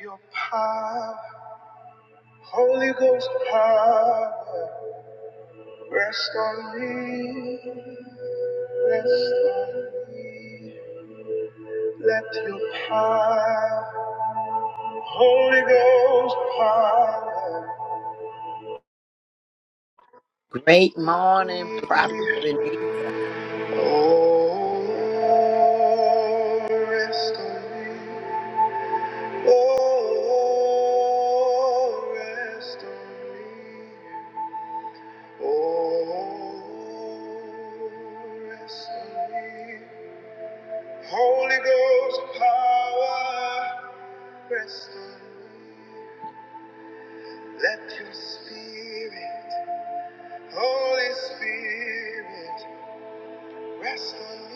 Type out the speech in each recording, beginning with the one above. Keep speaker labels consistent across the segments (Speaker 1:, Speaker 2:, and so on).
Speaker 1: Your power, Holy Ghost power, rest on me, rest on me. Let your power, Holy Ghost power,
Speaker 2: Great
Speaker 1: rest
Speaker 2: morning,
Speaker 1: on me.
Speaker 2: Prophet Renita.
Speaker 1: Oh, rest on me. Oh, rest on me. Oh, rest on me. Holy Ghost power, rest on me. Let your spirit, Holy Spirit, rest on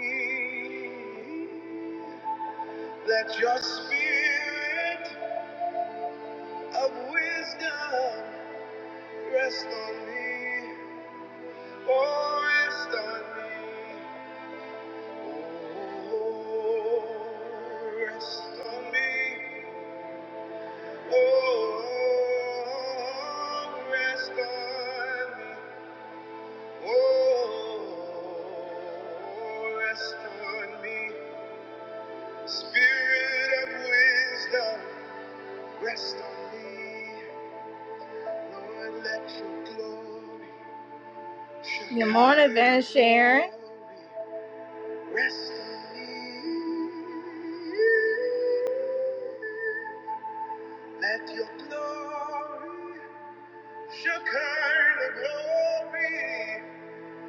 Speaker 1: me. Let your spirit of wisdom rest on me. Oh, rest on me. Oh, Oh, Oh, Good morning, Van Sharon. Rest on me. Let your glory, Shekinah glory,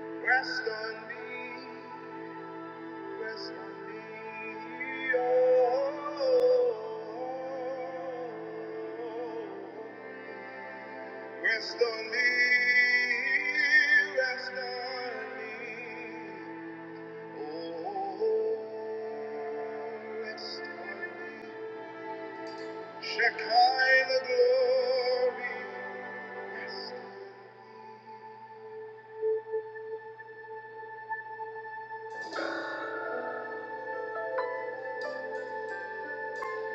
Speaker 1: rest on me, rest on me. Oh, rest on me, rest on me. Oh, rest on me. Shekinah glory, rest. on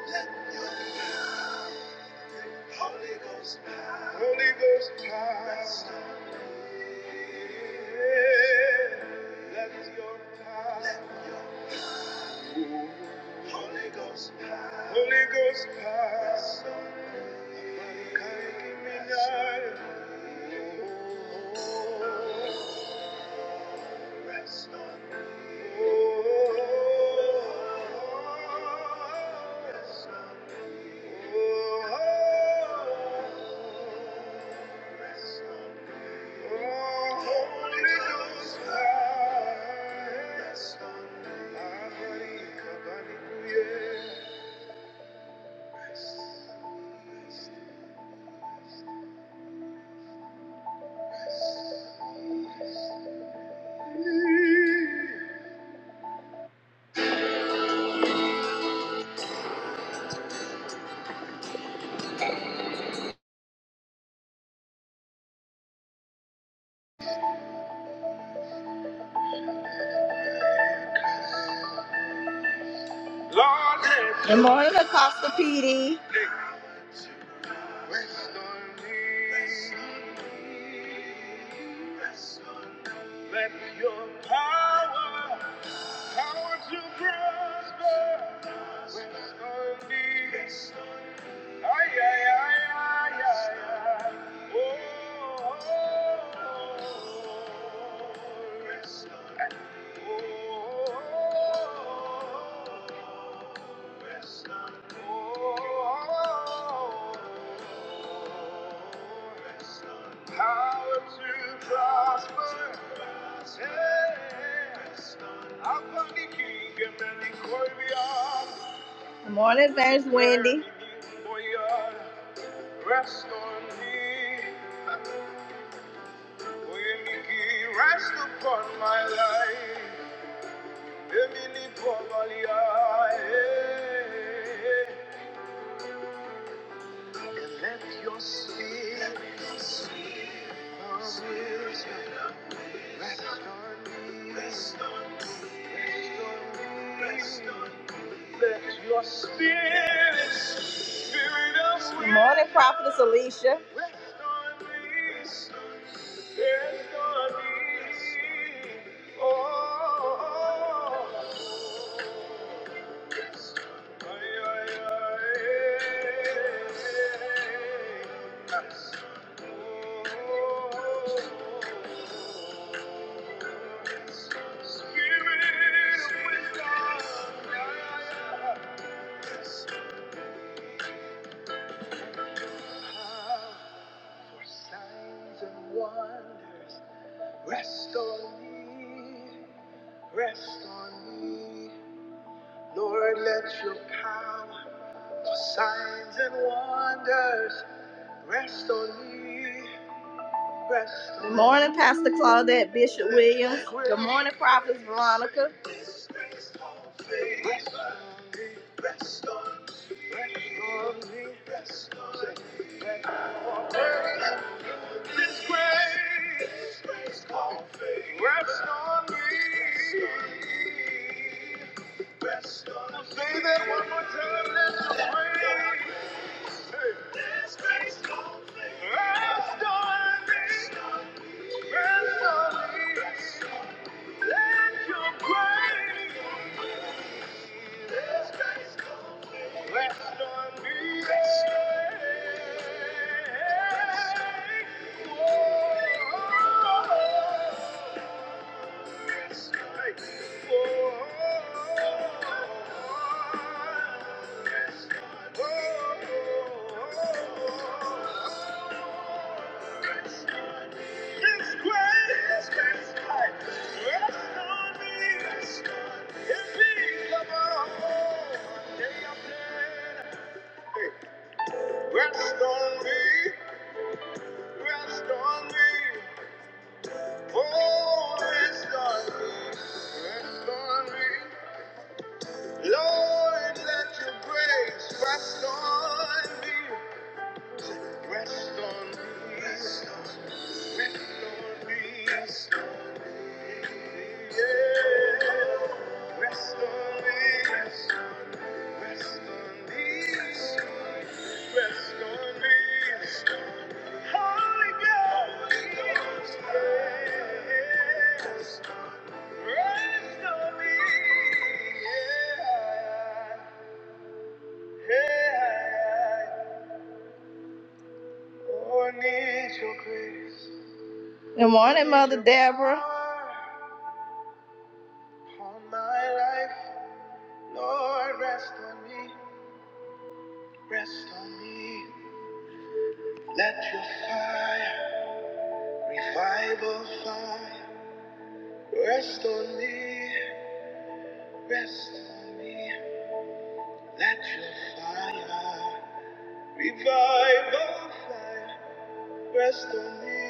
Speaker 1: me. Let your power, Holy Ghost power, Holy Ghost power, rest on me. Let your power, Let your Holy Ghost power. Holy Ghost power. Rest me. Take me Rest on me. Oh, rest on me. Oh, rest on me. Good morning, Apostle PD. Let your power I to prosper when I'm lonely. Ay, ay, ay, ay, ay, ay. Oh, Power to prosper. Good morning, thanks, Wendy. Rest on me, rest upon my life. Emily Pomalia, eh, and let your spirit rest on me. Rest on me. Rest on me. Let your spirit, spirit of wisdom. Good morning, Prophetess Alicia. Rest on me. Yes, God is Oh, ay, ay, ay. Yes. Oh, Spirit of wisdom. Yeah, yeah, yeah. Yes. for signs and wonders rest on me. Rest on me, Lord, let your power for signs and wonders rest on me. Rest on Good morning, me. Pastor Claudette Bishop Williams. Good morning, Prophet Veronica. Rest on me, rest on me, rest on me, rest on me. His grace rest on me. Rest on me. Say that one more time. Let your praise. Hey. Rest on me. Rest on me. Let your praise. Rest on me. Rest Rest on me, rest on me, oh, rest on me, rest on me. Lord, let your grace rest on me, rest on me, rest on me, rest on me, yeah. Rest on me, rest on me, rest on me. yes. yeah. Yeah. Oh, Good morning, Mother Deborah. On my life, Lord, rest on me, rest on me. Let your fire, revival fire, rest on me, rest on me. Let your fire, revival fire, rest on me,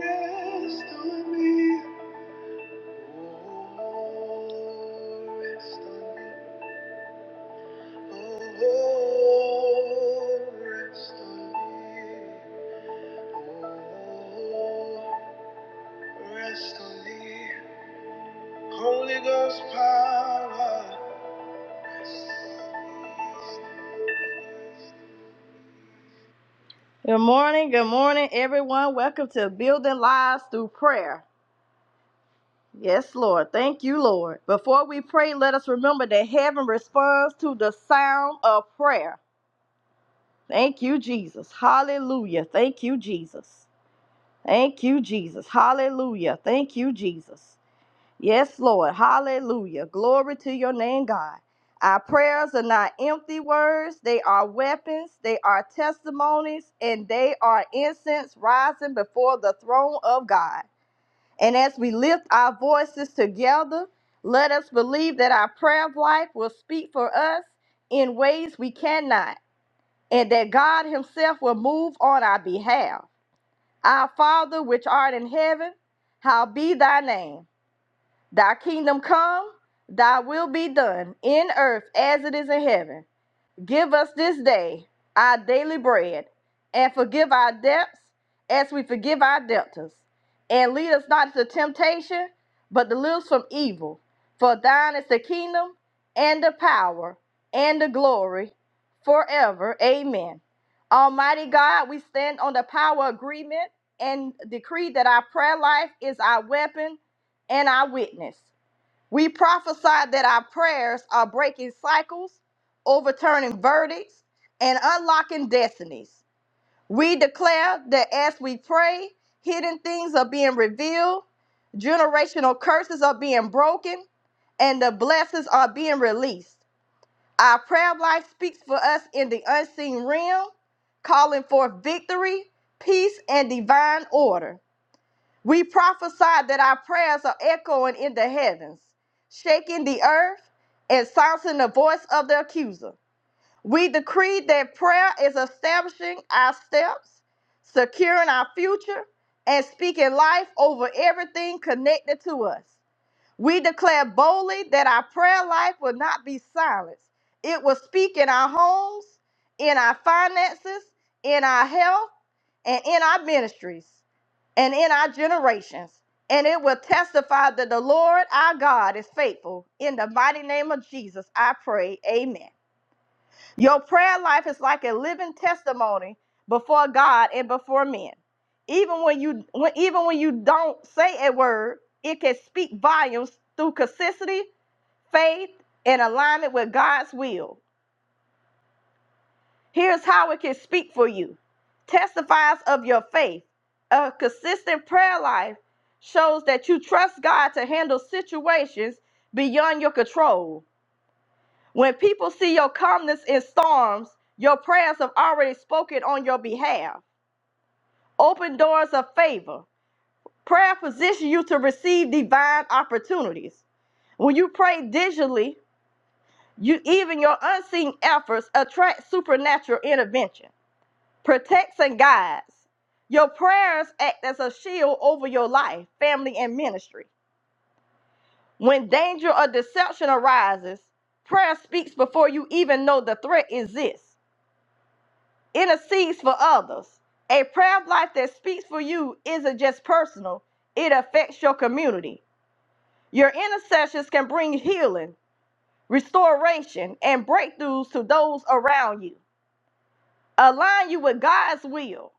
Speaker 1: rest on me. Oh, rest on me. Oh, rest on me. Oh, rest on me. Holy Ghost power, rest on me. Good morning, good morning, everyone. Welcome to Building Lives Through Prayer. Yes, Lord. Thank you, Lord. Before we pray, let us remember that heaven responds to the sound of prayer. Thank you, Jesus. Hallelujah. Thank you, Jesus. Thank you, Jesus. Hallelujah. Thank you, Jesus. Yes, Lord. Hallelujah. Glory to your name, God. Our prayers are not empty words, they are weapons, they are testimonies, and they are incense rising before the throne of God. And as we lift our voices together, let us believe that our prayer life will speak for us in ways we cannot, and that God Himself will move on our behalf. Our Father, which art in heaven, how be thy name Thy kingdom come, thy will be done in earth as it is in heaven. Give us this day our daily bread, and forgive our debts as we forgive our debtors. And lead us not into temptation, but deliver us from evil. For thine is the kingdom, and the power, and the glory forever. Amen. Almighty God, we stand on the power agreement and decree that our prayer life is our weapon and our witness. We prophesy that our prayers are breaking cycles, overturning verdicts, and unlocking destinies. We declare that as we pray, hidden things are being revealed, generational curses are being broken, and the blessings are being released. Our prayer life speaks for us in the unseen realm, calling forth victory, peace, and divine order. We prophesy that our prayers are echoing in the heavens, shaking the earth, and silencing the voice of the accuser. We decree that prayer is establishing our steps, securing our future, and speaking life over everything connected to us. We declare boldly that our prayer life will not be silenced. It will speak in our homes, in our finances, in our health, and in our ministries and in our generations. And it will testify that the Lord our God is faithful. In the mighty name of Jesus, I pray. Amen. Your prayer life is like a living testimony before God and before men. Even when you when, even when you don't say a word, it can speak volumes through consistency, faith, and alignment with God's will. Here's how it can speak for you testifies of your faith. A consistent prayer life shows that you trust God to handle situations beyond your control. When people see your calmness in storms, your prayers have already spoken on your behalf. Open doors of favor. Prayer positions you to receive divine opportunities. When you pray digitally, you even your unseen efforts attract supernatural intervention. protects and guides. Your prayers act as a shield over your life, family, and ministry. When danger or deception arises, prayer speaks before you even know the threat exists. Intercedes for others. A prayer life that speaks for you isn't just personal, it affects your community. Your intercessions can bring healing, restoration, and breakthroughs to those around you. Align you with God's will.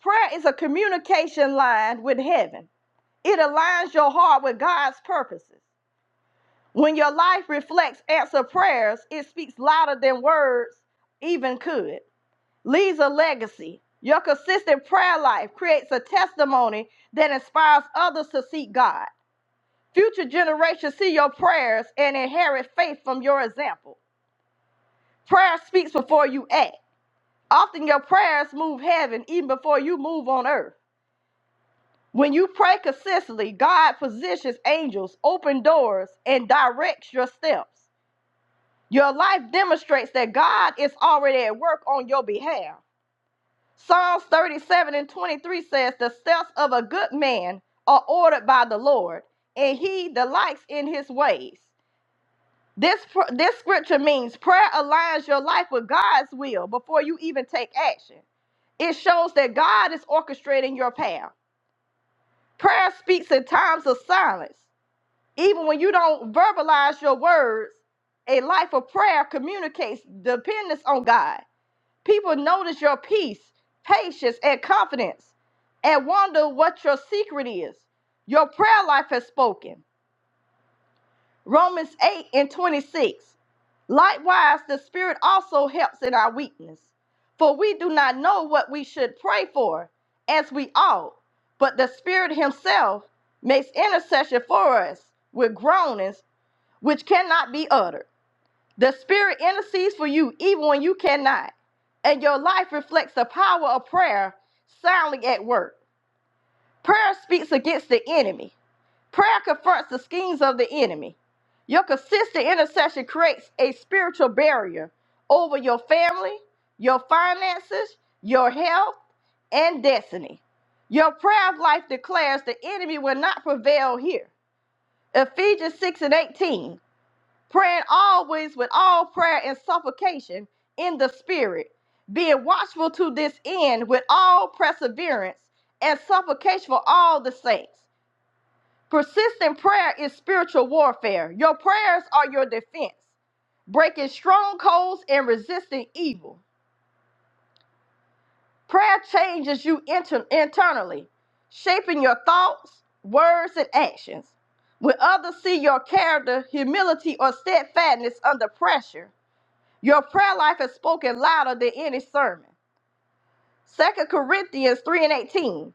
Speaker 1: Prayer is a communication line with heaven It aligns your heart with God's purposes. When your life reflects answered prayers, it speaks louder than words even could. Leaves a legacy. Your consistent prayer life creates a testimony that inspires others to seek God. Future generations see your prayers and inherit faith from your example. Prayer speaks before you act. Often your prayers move heaven even before you move on earth. When you pray consistently, God positions angels, open doors, and directs your steps. Your life demonstrates that God is already at work on your behalf. Psalms 37 and 23 says, The steps of a good man are ordered by the Lord, and he delights in his ways. This, pr- this scripture means prayer aligns your life with God's will before you even take action. It shows that God is orchestrating your path. Prayer speaks in times of silence. even when you don't verbalize your words, a life of prayer communicates dependence on God. People notice your peace, patience, and confidence and wonder what your secret is. Your prayer life has spoken. Romans 8 and 26. Likewise, the Spirit also helps in our weakness, for we do not know what we should pray for as we ought, but the Spirit Himself makes intercession for us with groanings which cannot be uttered. The Spirit intercedes for you even when you cannot, and your life reflects the power of prayer soundly at work. Prayer speaks against the enemy, prayer confronts the schemes of the enemy. Your consistent intercession creates a spiritual barrier over your family, your finances, your health, and destiny. Your prayer life declares the enemy will not prevail here. Ephesians 6 and 18 praying always with all prayer and supplication in the spirit, being watchful to this end with all perseverance and supplication for all the saints. Persistent prayer is spiritual warfare. Your prayers are your defense, breaking strongholds and resisting evil. Prayer changes you inter- internally, shaping your thoughts, words, and actions. When others see your character, humility, or steadfastness under pressure, Your prayer life is spoken louder than any sermon. Second Corinthians 3 and 18.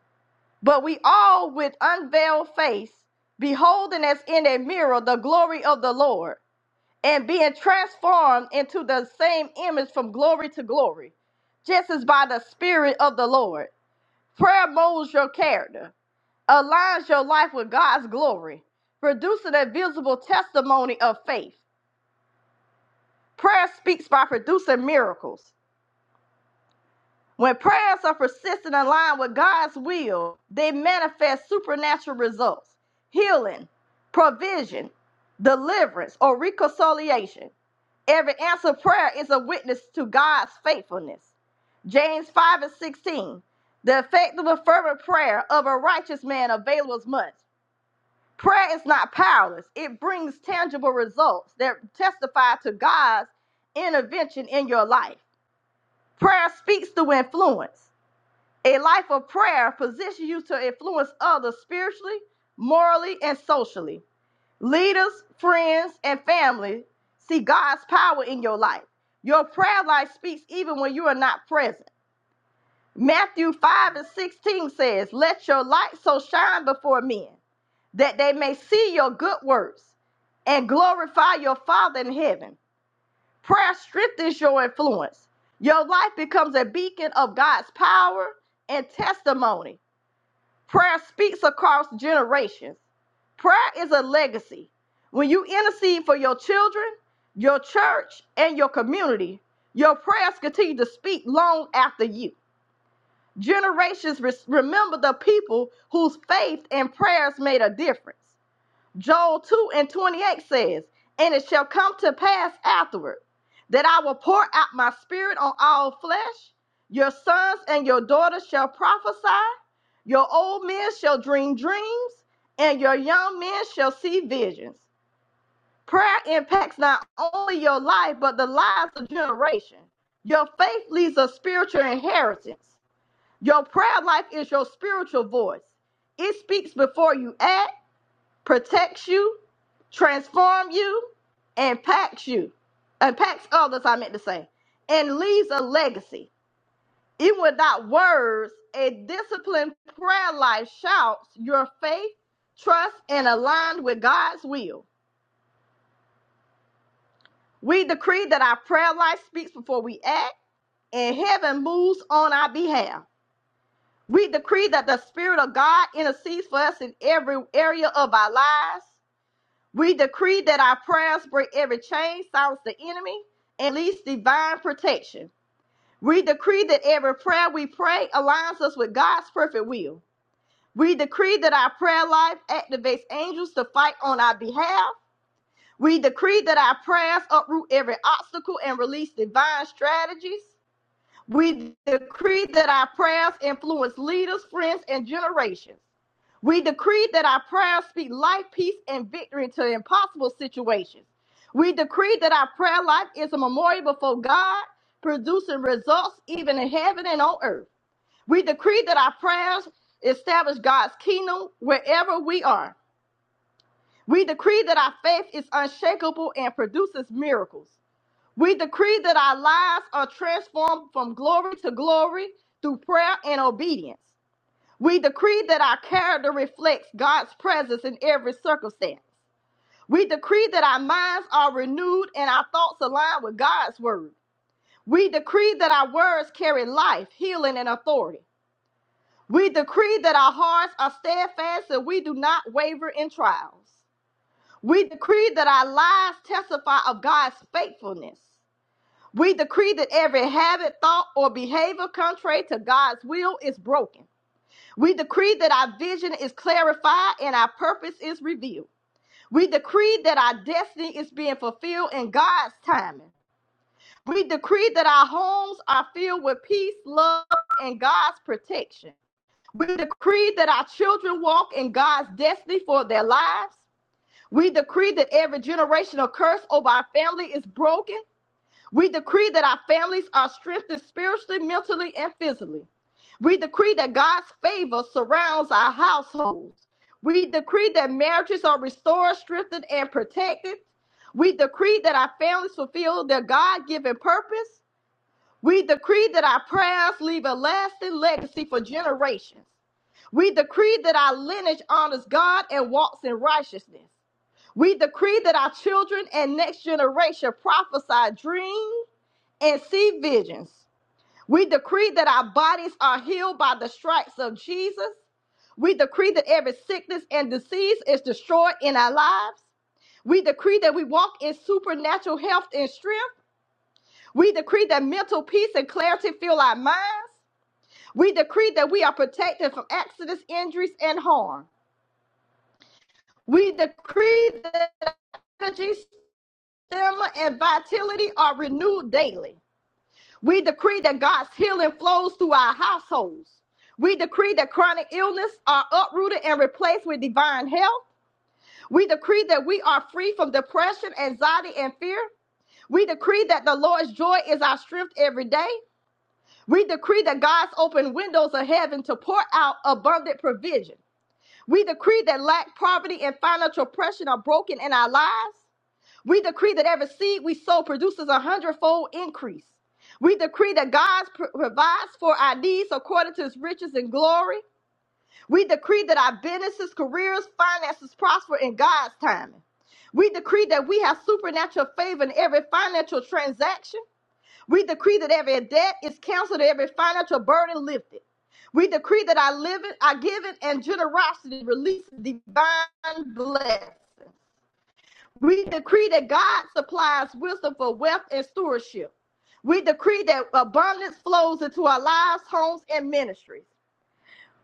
Speaker 1: But we all with unveiled face, beholding as in a mirror the glory of the Lord, and being transformed into the same image from glory to glory, just as by the Spirit of the Lord. Prayer molds your character, aligns your life with God's glory, producing a visible testimony of faith. Prayer speaks by producing miracles. When prayers are persistent and aligned with God's will, they manifest supernatural results healing, provision, deliverance, or reconciliation. Every answered prayer is a witness to God's faithfulness. James 5 and 16. The effective and fervent prayer of a righteous man availeth much. Prayer is not powerless, it brings tangible results that testify to God's intervention in your life. Prayer speaks through influence. A life of prayer positions you to influence others spiritually, morally, and socially. Leaders, friends, and family see God's power in your life. Your prayer life speaks even when you are not present. Matthew 5 and 16 says, Let your light so shine before men that they may see your good works and glorify your Father in heaven. Prayer strengthens your influence. Your life becomes a beacon of God's power and testimony. Prayer speaks across generations. Prayer is a legacy. When you intercede for your children, your church, and your community, your prayers continue to speak long after you. Generations res- remember the people whose faith and prayers made a difference. Joel 2 and 28 says, And it shall come to pass afterward that I will pour out my spirit on all flesh. Your sons and your daughters shall prophesy, your old men shall dream dreams, and your young men shall see visions. Prayer impacts not only your life, but the lives of generation. Your faith leaves a spiritual inheritance. Your prayer life is your spiritual voice. It speaks before you act protects you, transforms you, impacts you, impacts others, I meant to say, and leaves a legacy. Even without words, a disciplined prayer life shouts your faith, trust, and aligned with God's will. We decree that our prayer life speaks before we act, and heaven moves on our behalf. We decree that the Spirit of God intercedes for us in every area of our lives. We decree that our prayers break every chain, silence the enemy, and release divine protection. We decree that every prayer we pray aligns us with God's perfect will. We decree that our prayer life activates angels to fight on our behalf. We decree that our prayers uproot every obstacle and release divine strategies. We decree that our prayers influence leaders, friends, and generations. We decree that our prayers speak life, peace, and victory into impossible situations. We decree that our prayer life is a memorial before God, producing results even in heaven and on earth. We decree that our prayers establish God's kingdom wherever we are. We decree that our faith is unshakable and produces miracles. We decree that our lives are transformed from glory to glory through prayer and obedience. We decree that our character reflects God's presence in every circumstance. We decree that our minds are renewed and our thoughts align with God's word. We decree that our words carry life, healing, and authority. We decree that our hearts are steadfast and we do not waver in trials. We decree that our lives testify of God's faithfulness. We decree that every habit, thought, or behavior contrary to God's will is broken. We decree that our vision is clarified and our purpose is revealed. We decree that our destiny is being fulfilled in God's timing. We decree that our homes are filled with peace, love, and God's protection. We decree that our children walk in God's destiny for their lives. We decree that every generational curse over our family is broken. We decree that our families are strengthened spiritually, mentally, and physically. We decree that God's favor surrounds our households. We decree that marriages are restored, strengthened, and protected. We decree that our families fulfill their God given purpose. We decree that our prayers leave a lasting legacy for generations. We decree that our lineage honors God and walks in righteousness. We decree that our children and next generation prophesy dream, and see visions. We decree that our bodies are healed by the stripes of Jesus. We decree that every sickness and disease is destroyed in our lives. We decree that we walk in supernatural health and strength. We decree that mental peace and clarity fill our minds. We decree that we are protected from accidents, injuries, and harm. We decree that energy, stamina, and vitality are renewed daily. We decree that God's healing flows through our households. We decree that chronic illness are uprooted and replaced with divine health. We decree that we are free from depression, anxiety, and fear. We decree that the Lord's joy is our strength every day. We decree that God's open windows of heaven to pour out abundant provision. We decree that lack, poverty, and financial oppression are broken in our lives. We decree that every seed we sow produces a hundredfold increase. We decree that God pr- provides for our needs according to his riches and glory. We decree that our businesses, careers, finances prosper in God's timing. We decree that we have supernatural favor in every financial transaction. We decree that every debt is canceled, every financial burden lifted. We decree that our living, our giving, and generosity releases divine blessings. We decree that God supplies wisdom for wealth and stewardship. We decree that abundance flows into our lives, homes, and ministries.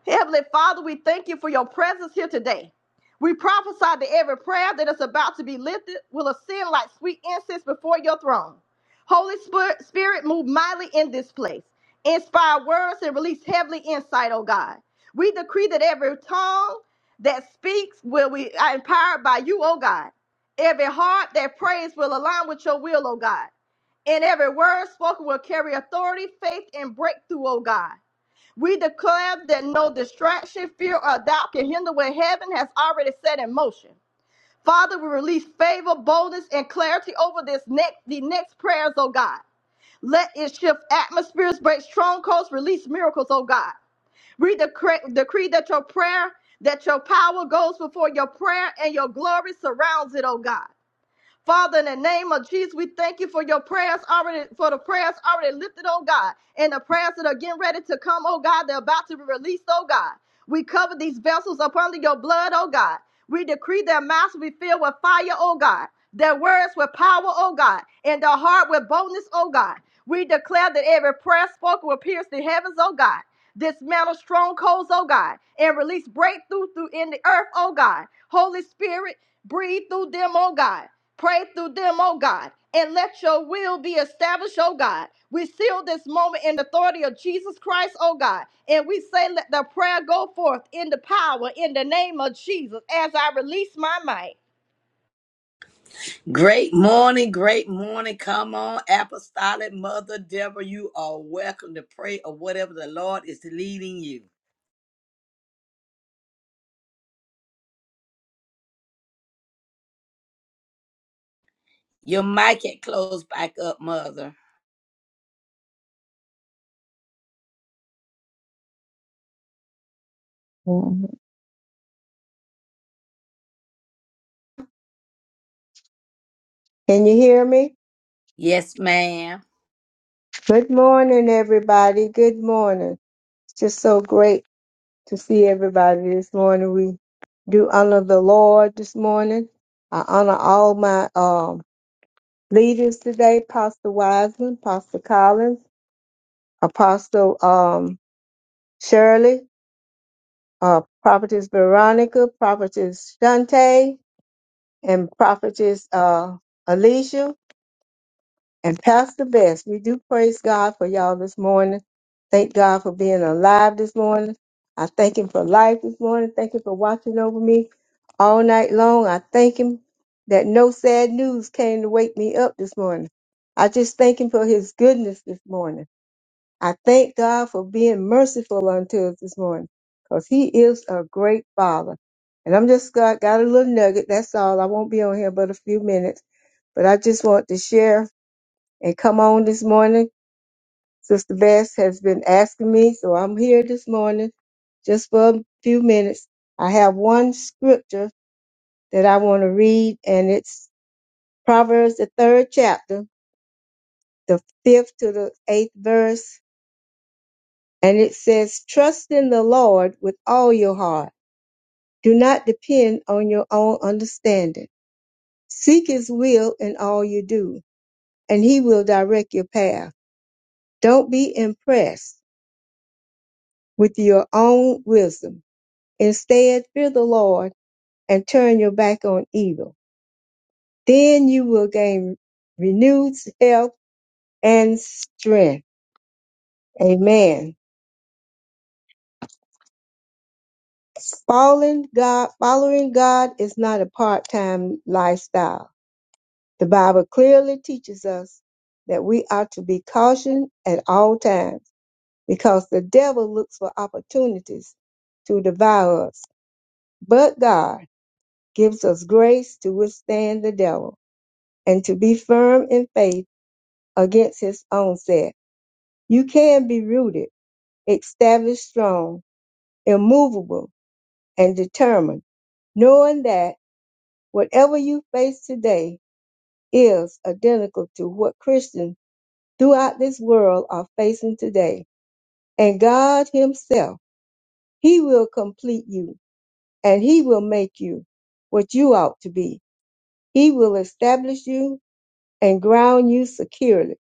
Speaker 1: Heavenly Father, we thank you for your presence here today. We prophesy that every prayer that is about to be lifted will ascend like sweet incense before your throne. Holy Spirit, Spirit, move mightily in this place. Inspire words and release heavenly insight, oh God. We decree that every tongue that speaks will be uh, empowered by you, oh God. Every heart that prays will align with your will, oh God. And every word spoken will carry authority, faith, and breakthrough, oh God. We declare that no distraction, fear, or doubt can hinder what heaven has already set in motion. Father, we release favor, boldness, and clarity over this next the next prayers, oh God. Let it shift atmospheres, break strongholds, release miracles, oh God. We decree, decree that your prayer, that your power goes before your prayer and your glory surrounds it, oh God. Father, in the name of Jesus, we thank you for your prayers already, for the prayers already lifted, oh God, and the prayers that are getting ready to come, oh God, they're about to be released, oh God. We cover these vessels up under your blood, oh God. We decree their mouths will be filled with fire, oh God, their words with power, oh God, and their heart with boldness, oh God. We declare that every prayer spoken will pierce the heavens, oh God. Dismantle strongholds, oh God, and release breakthrough through in the earth, oh God. Holy Spirit, breathe through them, oh God. Pray through them, oh God, and let your will be established, oh God. We seal this moment in the authority of Jesus Christ, oh God. And we say, let the prayer go forth in the power, in the name of Jesus, as I release my mic.
Speaker 2: Great morning, great morning. Come on, Apostolic Mother Deborah. You are welcome to pray or whatever the Lord is leading you. Your mic had closed back up, Mother.
Speaker 3: Can you hear me?
Speaker 2: Yes, ma'am.
Speaker 3: Good morning, everybody. Good morning. It's just so great to see everybody this morning. We do honor the Lord this morning. I honor all my um, leaders today, Pastor Wiseman, Pastor Collins, Apostle um, Shirley, uh, Prophetess Veronica, Prophetess Shante, and Prophetess uh, Alicia. And Pastor Best, we do praise God for y'all this morning. Thank God for being alive this morning. I thank Him for life this morning. Thank Him for watching over me all night long. I thank Him that no sad news came to wake me up this morning. I just thank Him for His goodness this morning. I thank God for being merciful unto us this morning because He is a great Father. And I'm just got, got a little nugget. That's all. I won't be on here but a few minutes, but I just want to share and come on this morning. Sister Bass has been asking me, so I'm here this morning just for a few minutes. I have one scripture that I want to read, and it's Proverbs, the third chapter, the fifth to the eighth verse. And it says, Trust in the Lord with all your heart. Do not depend on your own understanding. Seek his will in all you do, and he will direct your path. Don't be impressed with your own wisdom Instead, fear the Lord and turn your back on evil. Then you will gain renewed health and strength. Amen. Following God, following God is not a part-time lifestyle. The Bible clearly teaches us that we are to be cautioned at all times because the devil looks for opportunities to devour us. But God gives us grace to withstand the devil and to be firm in faith against his own self. You can be rooted, established strong, immovable, and determined, knowing that whatever you face today is identical to what Christians throughout this world are facing today. And God Himself, He will complete you and He will make you what you ought to be. He will establish you and ground you securely,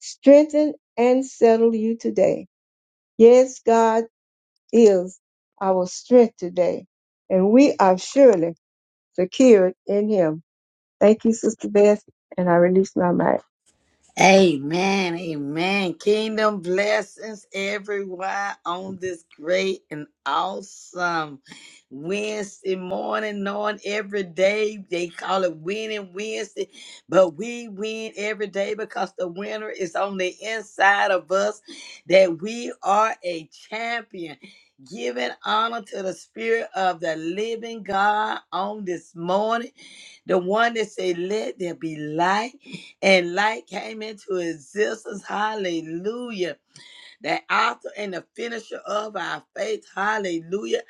Speaker 3: strengthen and settle you today. Yes, God. is our strength today, and we are surely secured in Him. Thank you, Sister Beth, and I release my
Speaker 2: Amen. Amen. Kingdom blessings, everyone, on this great and awesome Wednesday morning, knowing every day they call it winning Wednesday, but we win every day because the winner is on the inside of us, that we are a champion. Giving honor to the spirit of the living God on this morning. The one that said, Let there be light, and light came into existence. Hallelujah. The author and the finisher of our faith. Hallelujah.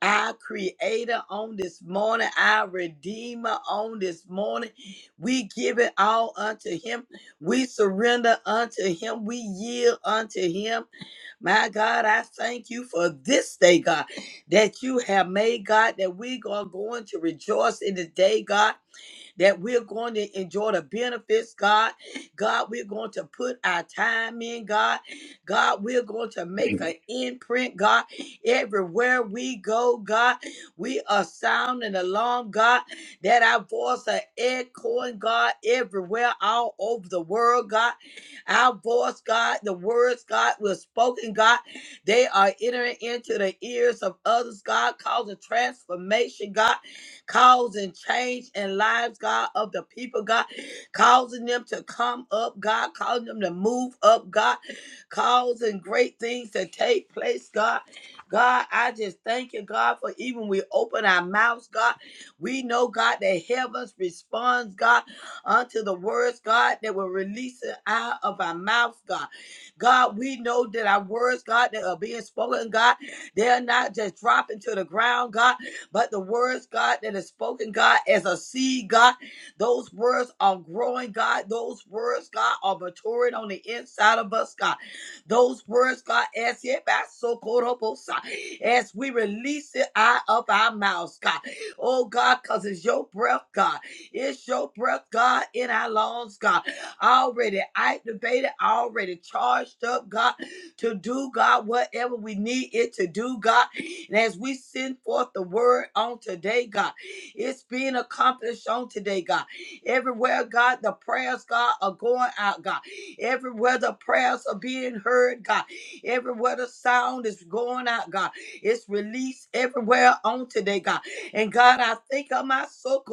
Speaker 2: Our creator on this morning, our redeemer on this morning. We give it all unto him. We surrender unto him. We yield unto him. My God, I thank you for this day, God, that you have made, God, that we are going to rejoice in the day, God that we're going to enjoy the benefits, God. God, we're going to put our time in, God. God, we're going to make an imprint, God. Everywhere we go, God, we are sounding alarm, God, that our voice are echoing, God, everywhere, all over the world, God. Our voice, God, the words, God, were spoken, God. They are entering into the ears of others, God, causing transformation, God causing change in lives, God, of the people, God, causing them to come up, God, causing them to move up, God, causing great things to take place, God. God, I just thank you, God, for even we open our mouths, God. We know, God, that heavens responds, God, unto the words, God, that were releasing out of our mouths, God. God, we know that our words, God, that are being spoken, God, they're not just dropping to the ground, God. But the words, God, that is spoken, God, as a seed, God, those words are growing, God. Those words, God, are maturing on the inside of us, God. Those words, God, as yet by so as we release it out of our mouths, God. Oh God, because it's your breath, God. It's your breath, God, in our lungs, God. Already activated, already charged up, God, to do, God, whatever we need it to do, God. And as we send forth the word on today, God, it's being accomplished on today, God. Everywhere, God, the prayers, God, are going out, God. Everywhere the prayers are being heard, God. Everywhere the sound is going out, God. It's released everywhere on today, God. And God, I think of my soul.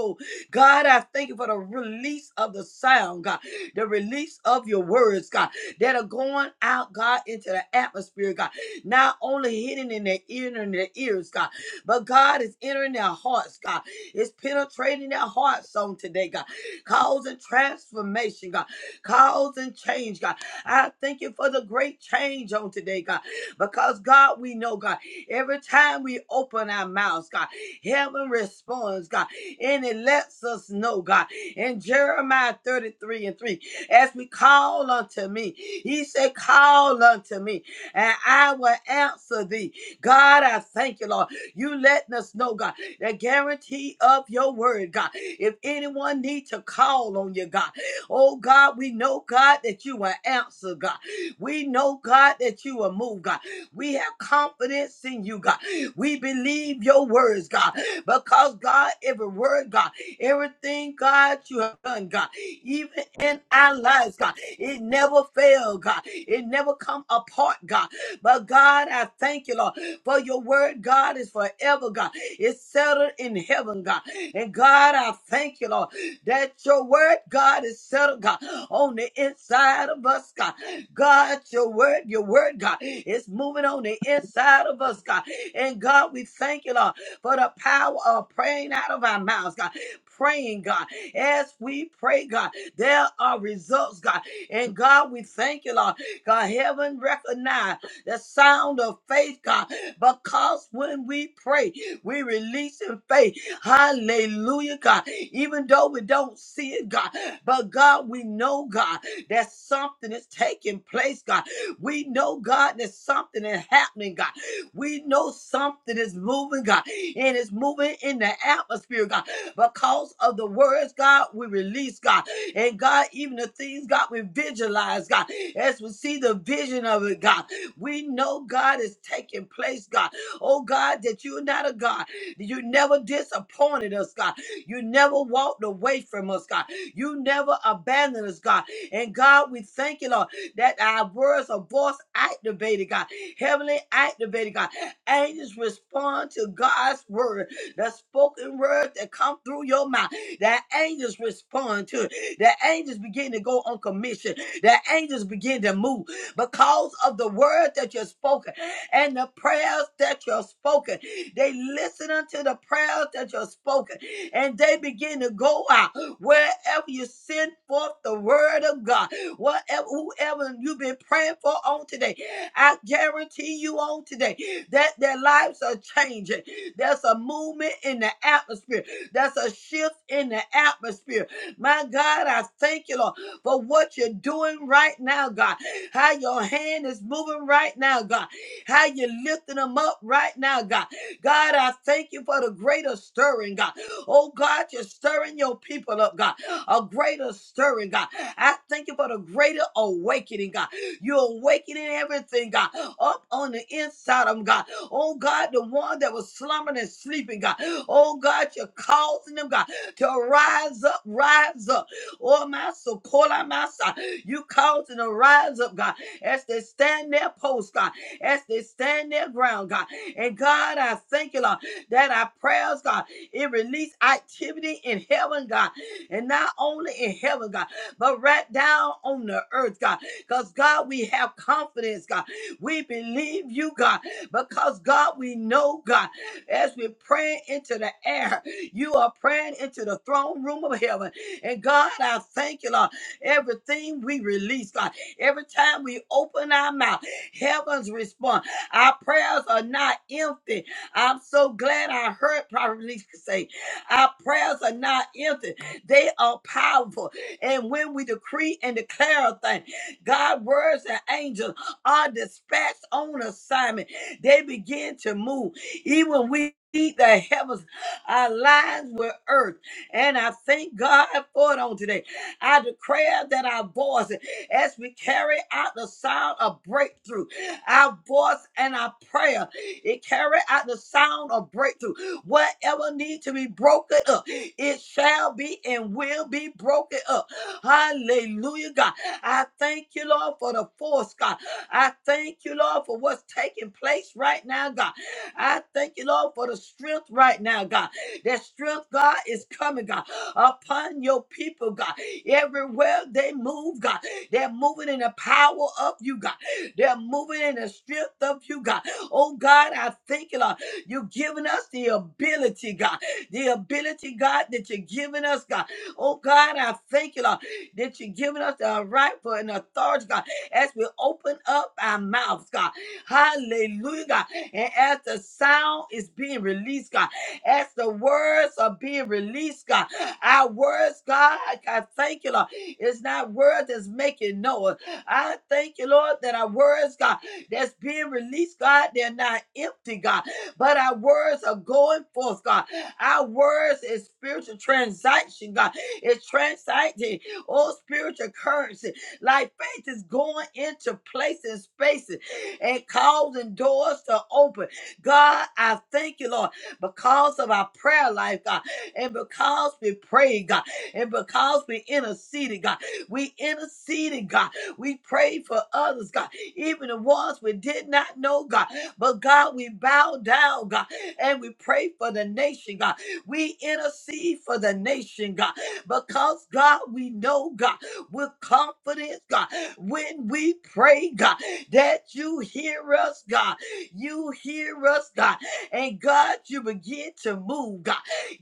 Speaker 2: God, I thank you for the release of the sound, God. The release of your words, God, that are going out, God, into the atmosphere, God not only hidden in their ear and in their ears, God, but God is entering their hearts, God. It's penetrating their hearts on today, God, causing transformation, God, causing change, God. I thank you for the great change on today, God, because God, we know, God, every time we open our mouths, God, heaven responds, God, and it lets us know, God, in Jeremiah 33 and 3, as we call unto me, he said, Call unto me, and I will answer thee. God, I thank you, Lord. You letting us know, God, the guarantee of your word, God. If anyone need to call on you, God, oh God, we know, God, that you will answer, God. We know, God, that you will move, God. We have confidence in you, God. We believe your words, God, because God, every word, God, everything, God, you have done, God, even in our lives, God. It never failed, God. It never come apart, God. But God, I thank you, Lord, for your word, God, is forever, God. It's settled in heaven, God. And God, I thank you, Lord, that your word, God, is settled, God, on the inside of us, God. God, your word, your word, God, is moving on the inside of us, God. And God, we thank you, Lord, for the power of praying out of our mouths, God. Praying, God, as we pray, God, there are results, God. And God, we thank you, Lord. God, heaven recognize the sound of faith, God, because when we pray, we release in faith. Hallelujah, God. Even though we don't see it, God, but God, we know, God, that something is taking place, God. We know, God, that something is happening, God. We know something is moving, God, and it's moving in the atmosphere, God, because of the words, God, we release, God. And God, even the things, God, we visualize, God, as we see the vision of it, God, we know God is taking place, God. Oh, God, that you're not a God. You never disappointed us, God. You never walked away from us, God. You never abandoned us, God. And God, we thank you, Lord, that our words are voice activated, God. Heavenly activated, God. Angels respond to God's word, the spoken word that come through your mouth. The angels respond to it. The angels begin to go on commission. The angels begin to move because of the word that you've spoken and the prayers that you've spoken. They listen unto the prayers that you've spoken and they begin to go out wherever you send forth the word of God. Whatever, whoever you've been praying for on today, I guarantee you on today that their lives are changing. There's a movement in the atmosphere that's a shift in the atmosphere. My God, I thank you, Lord, for what you're doing right now, God. How your hand is moving right now, God. How you're lifting them up right now, God. God, I thank you for the greater stirring, God. Oh, God, you're stirring your people up, God. A greater stirring, God. I thank you for the greater awakening, God. You're awakening everything, God, up on the inside of them, God. Oh God, the one that was slumbering and sleeping, God. Oh God, you're causing them, God, to rise up, rise up. Oh my so call my son. You causing them to rise up, God, as they stand their post, God, as they stand their ground, God. And God, I thank you, Lord, that our prayers, God, it release activity in heaven, God. And not only in heaven, God, but right down on the earth, God. Because God, we have confidence, God. We believe you, God. Because God, we know, God, as we're praying into the air, you are praying into the throne room of heaven. And God, I thank you, Lord. Everything we release, God, every time we open our mouth, heavens respond. Our prayers are not empty. I'm so glad I heard probably say, our prayers are not empty. They are powerful. And when we decree and declare a thing, God, words and angels are dispatched on assignment they begin to move. Even we need the heavens aligns with earth. And I thank God for it on today. I declare that our voice, as we carry out the sound of breakthrough, our voice and our prayer, it carry out the sound of breakthrough. Whatever need to be broken up, it shall be and will be broken up. Hallelujah, God. I thank you, Lord, for the force, God. I thank you, Lord, for what's taking place right now, God. I thank you, Lord, for the strength right now, God. That strength, God, is coming, God, upon your people, God. Everywhere they move, God, they're moving in the power of you, God. They're moving in the strength of you, God. Oh, God, I thank you, Lord. You've given us the ability, God. The ability, God, that you're giving us, God. Oh, God, I thank you, Lord, that you're giving us the right for an authority, God as we open up our mouths, God. Hallelujah. God. And as the sound is being released, God, as the words are being released, God, our words, God, I thank you, Lord. It's not words that's making noise. I thank you, Lord, that our words, God, that's being released, God, they're not empty, God, but our words are going forth, God. Our words is spiritual transaction, God. It's transacting all spiritual currency. Like faith is going into places, spaces, and causing doors to open. God, I thank you, Lord, because of our prayer life, God, and because we prayed, God, and because we interceded, God, we interceded, God, we prayed for others, God, even the ones we did not know, God, but God, we bow down, God, and we pray for the nation, God, we intercede for the nation, God, because God, we know, God with confidence, God. When we pray, God, that you hear us, God. You hear us, God. And God, you begin to move, God.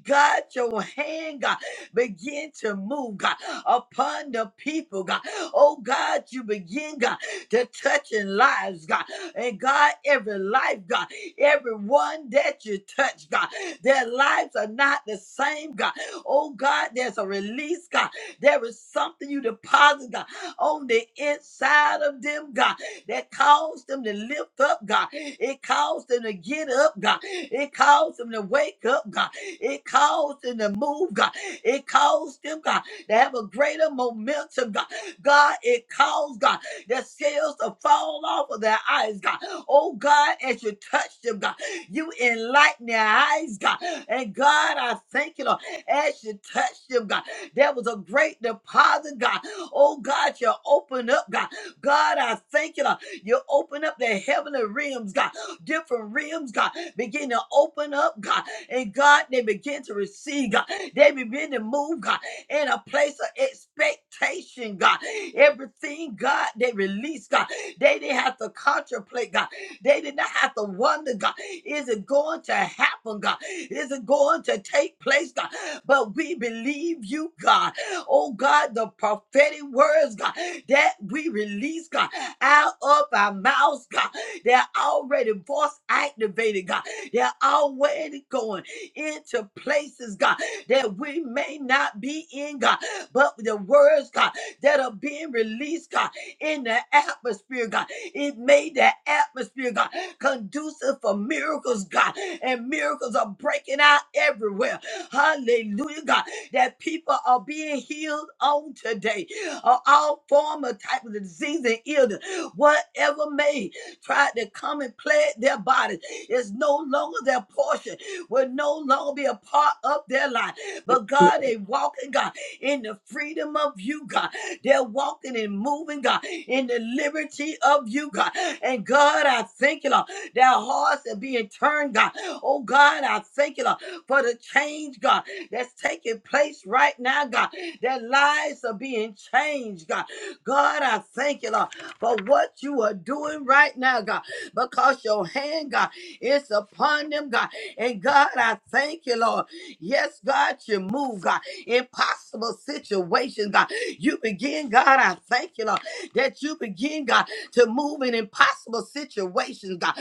Speaker 2: God, your hand, God, begin to move, God, upon the people, God. Oh, God, you begin, God, to touching lives, God. And God, every life, God, everyone that you touch, God, their lives are not the same, God. Oh, God, there's a release, God there is something you deposit, God, on the inside of them, God, that caused them to lift up, God. It caused them to get up, God. It caused them to wake up, God. It caused them to move, God. It caused them, God, to have a greater momentum, God. God, it caused, God, the scales to fall off of their eyes, God. Oh, God, as you touch them, God, you enlighten their eyes, God. And God, I thank you, Lord, as you touch them, God. That was a great deposit, God. Oh, God, you open up, God. God, I thank you, Lord. You open up the heavenly realms, God. Different realms, God. Begin to open up, God. And God, they begin to receive, God. They begin to move, God, in a place of expectation, God. Everything, God, they release, God. They didn't have to contemplate, God. They did not have to wonder, God. Is it going to happen, God? Is it going to take place, God? But we believe you, God. Oh, God, the prophetic words, God, that we release, God, out of our mouths, God. They're already voice activated, God. They're already going into places, God, that we may not be in, God. But the words, God, that are being released, God, in the atmosphere, God, it made the atmosphere, God, conducive for miracles, God. And miracles are breaking out everywhere. Hallelujah, God. That people are being healed on today of all form of type of disease and illness, whatever may try to come and plague their bodies. is no longer their portion, will no longer be a part of their life. But
Speaker 3: mic.
Speaker 2: God, they walking, God, in the freedom of you, God. They're walking and moving, God, in the liberty of you, God. And God, I thank you, Lord. Their hearts are being turned, God. Oh, God, I thank you, Lord for the change, God, that's taking place right now, God. That lives are being changed, God. God, I thank you, Lord, for what you are doing right now, God, because your hand, God, is upon them, God. And God, I thank you, Lord. Yes, God, you move, God. Impossible situations, God. You begin, God, I thank you, Lord, that you begin, God, to move in impossible situations, God.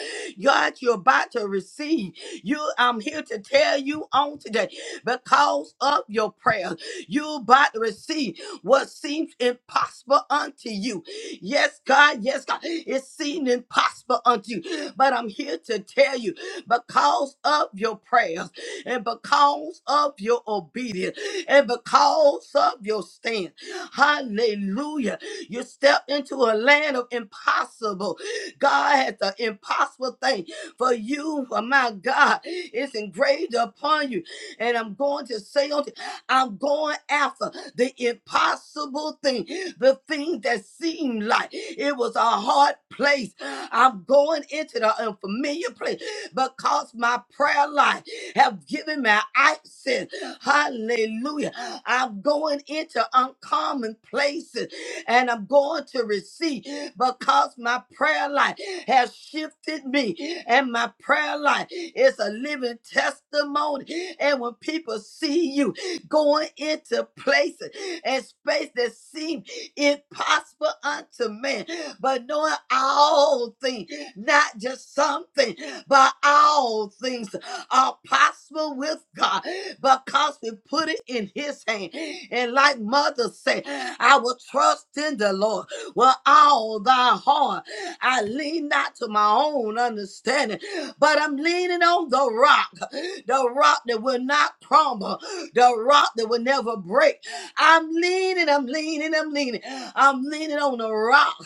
Speaker 2: God, you're about to receive. You, I'm here to tell you on today, because of your prayer, you about to receive what seems impossible unto you. Yes, God, yes, God, it seemed impossible unto you, but I'm here to tell you, because of your prayers and because of your obedience and because of your stand, hallelujah, you step into a land of impossible. God has the impossible thing for you, for my God, is engraved upon you. And I'm going to say, unto- I'm going after the impossible thing, the thing that seemed like it was a hard place. I'm going into the unfamiliar place because my prayer life have given me access. Hallelujah. I'm going into uncommon places and I'm going to receive because my prayer life has shifted me and my prayer life is a living testimony. And when people see you going into places and space that seem impossible unto man, but knowing all things, not just something, but all things are possible with God because we put it in his hand. And like mother said, I will trust in the Lord with all thy heart. I lean not to my own understanding, but I'm leaning on the rock, the rock that will not crumble, the rock that will never break. I'm leaning, I'm leaning, I'm leaning. I'm leaning on the rock,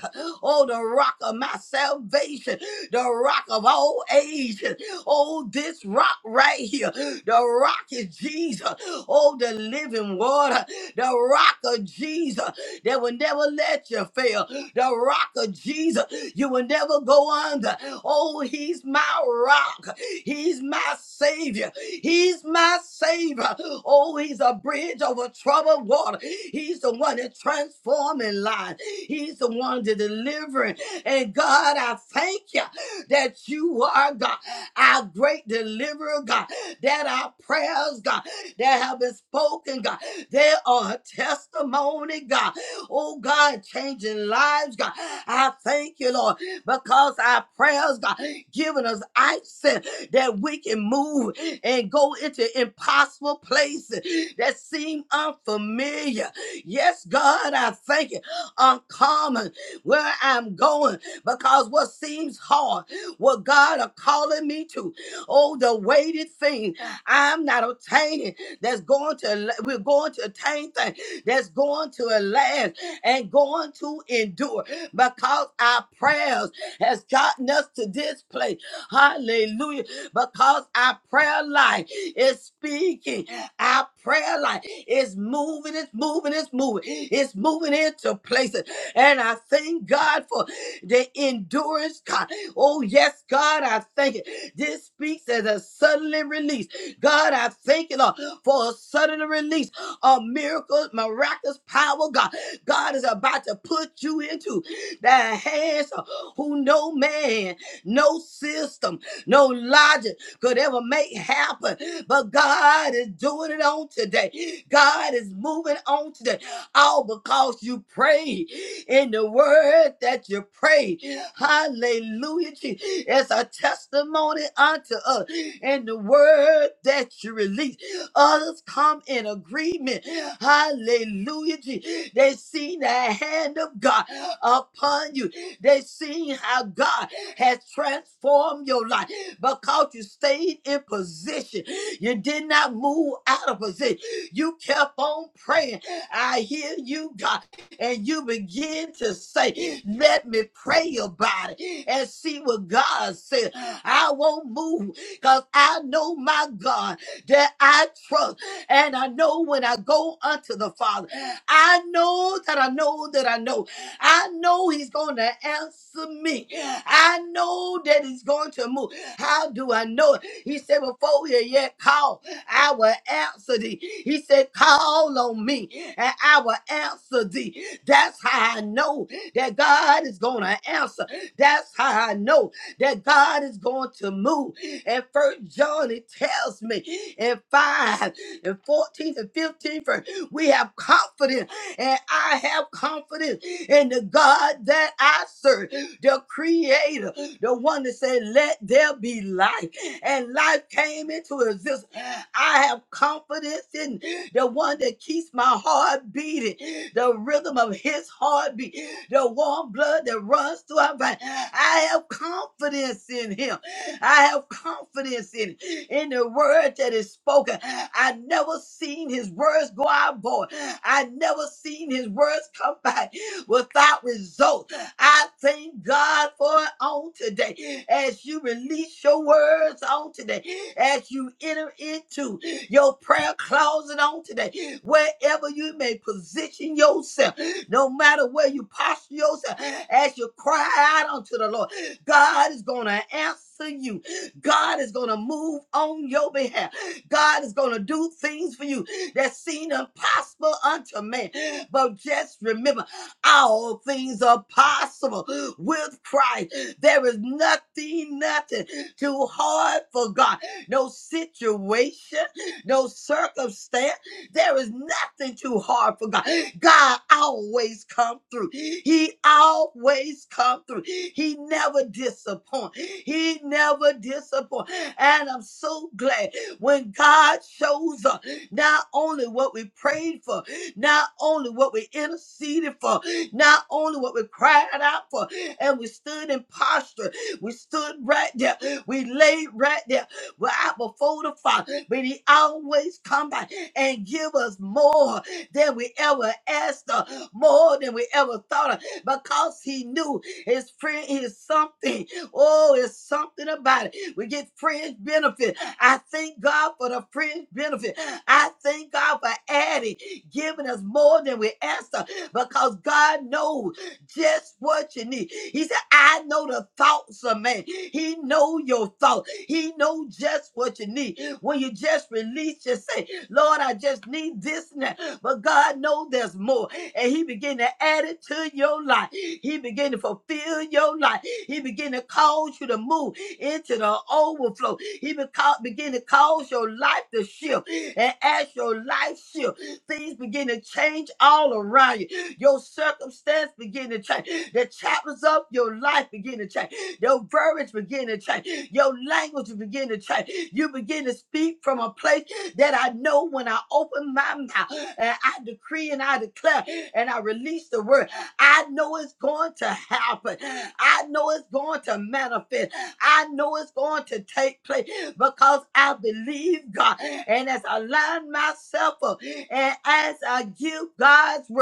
Speaker 2: oh, the rock of my salvation, the rock of all ages. Oh, this rock right here, the rock is Jesus. Oh, the living water, the rock of Jesus that will never let you fail. The rock of Jesus, you will never go under. Oh, he's my rock. He's my savior. He's my savior. Oh, he's a bridge over troubled water. He's the one that transforming lives. He's the one that delivering. And God, I thank you that you are God, our great deliverer, God, that our prayers, God, that have been spoken, God, they are a testimony, God. Oh God, changing lives, God. I thank you, Lord, because our prayers, God, giving us access that we can move and go into impossible places that seem unfamiliar. Yes, God, I thank you. Uncommon where I'm going because what seems hard, what God are calling me to, oh, the weighted thing I'm not obtaining that's going to, we're going to attain things that's going to last and going to endure because our prayers has gotten us to this place. Hallelujah. Because our prayer life is speaking. Our prayer life is moving, it's moving, it's moving. It's moving into places. And I thank God for the endurance, God. Oh, yes, God, I thank it. This speaks as a suddenly release. God, I thank you, Lord, for a sudden release of miracles, miraculous power, God. God is about to put you into the hands of who no man, no system, no logic could ever make happen. But God is doing it on today. God is moving on today. All because you prayed in the word that you prayed. Hallelujah. Jesus. It's a testimony unto us in the word that you release. Others come in agreement. Hallelujah. Jesus. They seen the hand of God upon you. They seen how God has transformed your life because you stayed in position. You did not move out of position. You kept on praying. I hear you, God. And you begin to say, Let me pray about it and see what God says. I won't move because I know my God that I trust. And I know when I go unto the Father, I know that I know that I know. I know He's going to answer me. I know that He's going to move. How do I know it? He said, Before you yet call, I will answer thee. He said, Call on me and I will answer thee. That's how I know that God is going to answer. That's how I know that God is going to move. And first John it tells me in 5 and 14 and 15, for we have confidence, and I have confidence in the God that I serve, the creator, the one that said, Let there be light. And life came into existence. I have confidence in the one that keeps my heart beating, the rhythm of his heartbeat, the warm blood that runs through our veins. I have confidence in him. I have confidence in it, in the word that is spoken. I never seen his words go out void. I never seen his words come back without result. I thank God for it on today. As you release your words on today, as you enter into your prayer closet on today, wherever you may position yourself, no matter where you posture yourself, as you cry out unto the Lord. God is going to answer you. God is going to move on your behalf. God is going to do things for you that seem impossible unto man. But just remember, all things are possible with Christ. There is nothing, nothing too hard for God. No situation, no circumstance. There is nothing too hard for God. God always come through. He always come through. He never disappoint. He never disappoint. And I'm so glad when God shows up, not only what we prayed for, not only what we interceded for, not only what we cried out for, and we stood in posture, we stood right there, we laid right there, right before the Father but he always come back and give us more than we ever asked of, more than we ever thought of, because he knew his friend is something. Oh, it's something about it. We get friends benefit. I thank God for the friends benefit. I thank God for adding, giving us more than we asked of, because God knows just what you need. He said, I know the thoughts of man. He know your thoughts. He know just what you need. When you just release, you say, Lord, I just need this now. But God knows there's more. And He began to add it to your life. He began to fulfill your life. He began to cause you to move into the overflow. He beca- began to cause your life to shift. And as your life shift, things begin to change all around you. Your circumstance begin to change. The chapters of your life begin to change. Your verbiage begin to change. Your language begin to change. You begin to speak from a place that I know when I open my mouth and I decree and I declare and I release the word. I know it's going to happen. I know it's going to manifest. I know it's going to take place because I believe God. And as I line myself up and as I give God's word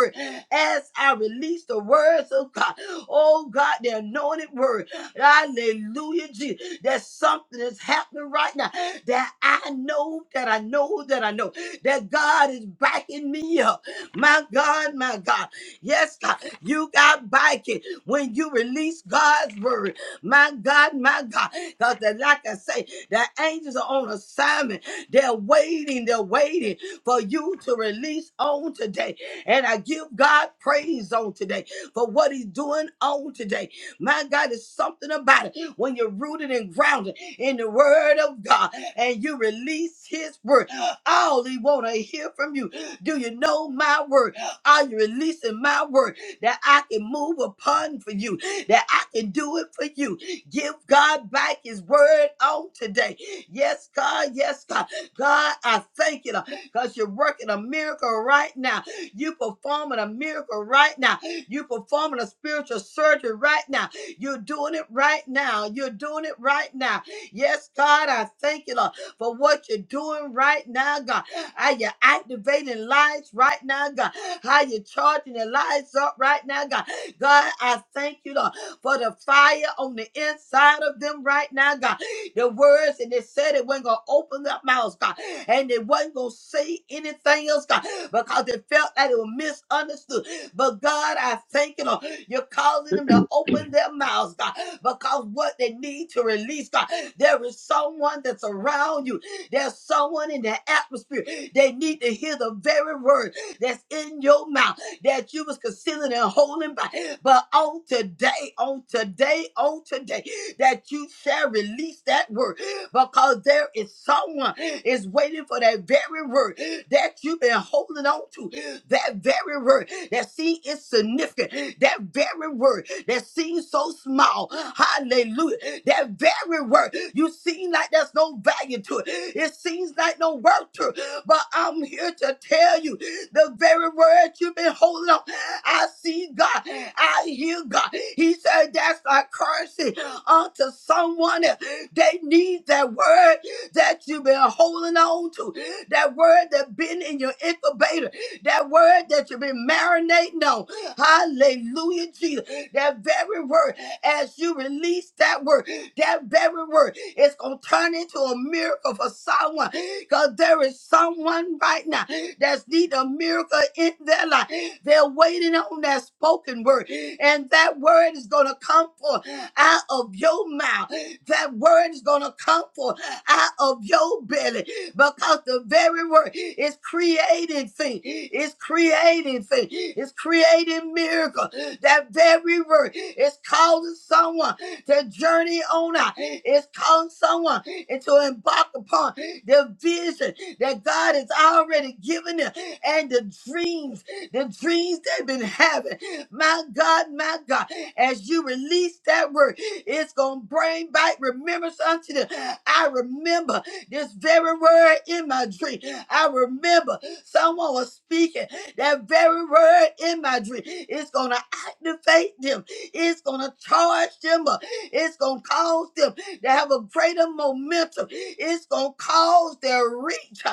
Speaker 2: as I release the words of God. Oh God, the anointed word. Hallelujah, Jesus. That something is happening right now that I know, that I know, that I know, that God is backing me up. My God, my God. Yes, God, you got backing when you release God's word. My God, my God. Because like I say, the angels are on assignment. They're waiting, they're waiting for you to release on today. And I give God praise on today for what He's doing on today. My God, it's something about it when you're rooted and grounded in the Word of God and you release His Word. All He want to hear from you. Do you know my Word? Are you releasing my Word that I can move upon for you? That I can do it for you? Give God back His Word on today. Yes, God. Yes, God. God, I thank you because you're working a miracle right now. You performing a miracle right now. You performing a spiritual surgery right now. You're doing it right now. You're doing it right now. Yes, God, I thank you, Lord, for what you're doing right now, God. How you're activating lives right now, God. How you're charging the lives up right now, God. God, I thank you, Lord, for the fire on the inside of them right now, God the words and it said it wasn't gonna open their mouths, God, and it wasn't gonna say anything else, God, because it felt that it was misunderstood. But God, I thank you, Lord, you're causing them to open their mouths, God, because what they need to release, God, there is someone that's around you, there's someone in the atmosphere. They need to hear the very word that's in your mouth that you was concealing and holding back. But on today, on today, on today, that you shall release that word because there is someone is waiting for that very word that you've been holding on to. That very word that seems insignificant. That very word that seems so small. Hallelujah. That very word you seem like there's no value to it. It seems like no worth to it. But I'm here to tell you the very word you've been holding on. I see God. I hear God. He said that's a currency unto someone. else. They need that word that you've been holding on to. That word that has been in your incubator. That word that you've been marinating on. Hallelujah, Jesus. That very word, as you release that word, that very word, it's going to turn into a miracle for someone. Because there is someone right now that's need a miracle in their life. They're waiting on that spoken word. And that word is going to come forth out of your mouth. That word is going to come forth out of your belly. Because the very word is creating things. It's creating things. It's creating miracles. That very word is causing someone to journey on out. It's causing someone and to embark upon the vision that God has already given them, and the dreams, the dreams they've been having. My God, my God, as you release that word, it's going to bring back remembrance unto them. I remember this very word in my dream. I remember someone was speaking that very word in my dream. It's going to activate them. It's going to charge them up. It's going to cause them they have a greater momentum. It's going to cause their reach.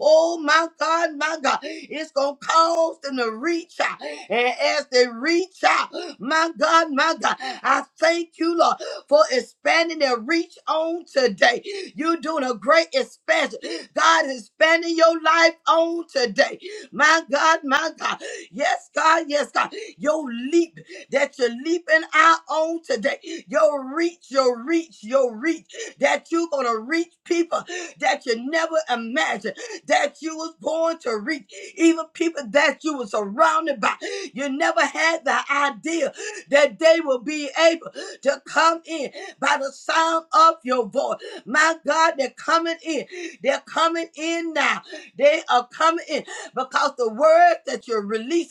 Speaker 2: Oh my God, my God. It's going to cause them to reach out. And as they reach out, my God, my God, I thank you, Lord, for expanding their reach on today. You're doing a great expansion. God is expanding your life on today. My God, my God. Yes, God, yes, God. Your leap that you're leaping out on today. Your reach, your reach, your reach, that you're going to reach people that you never imagined that you was born to reach, even people that you were surrounded by. You never had the idea that they will be able to come in by the sound of your voice. My God, they're coming in. They're coming in now. They are coming in because the word that you're releasing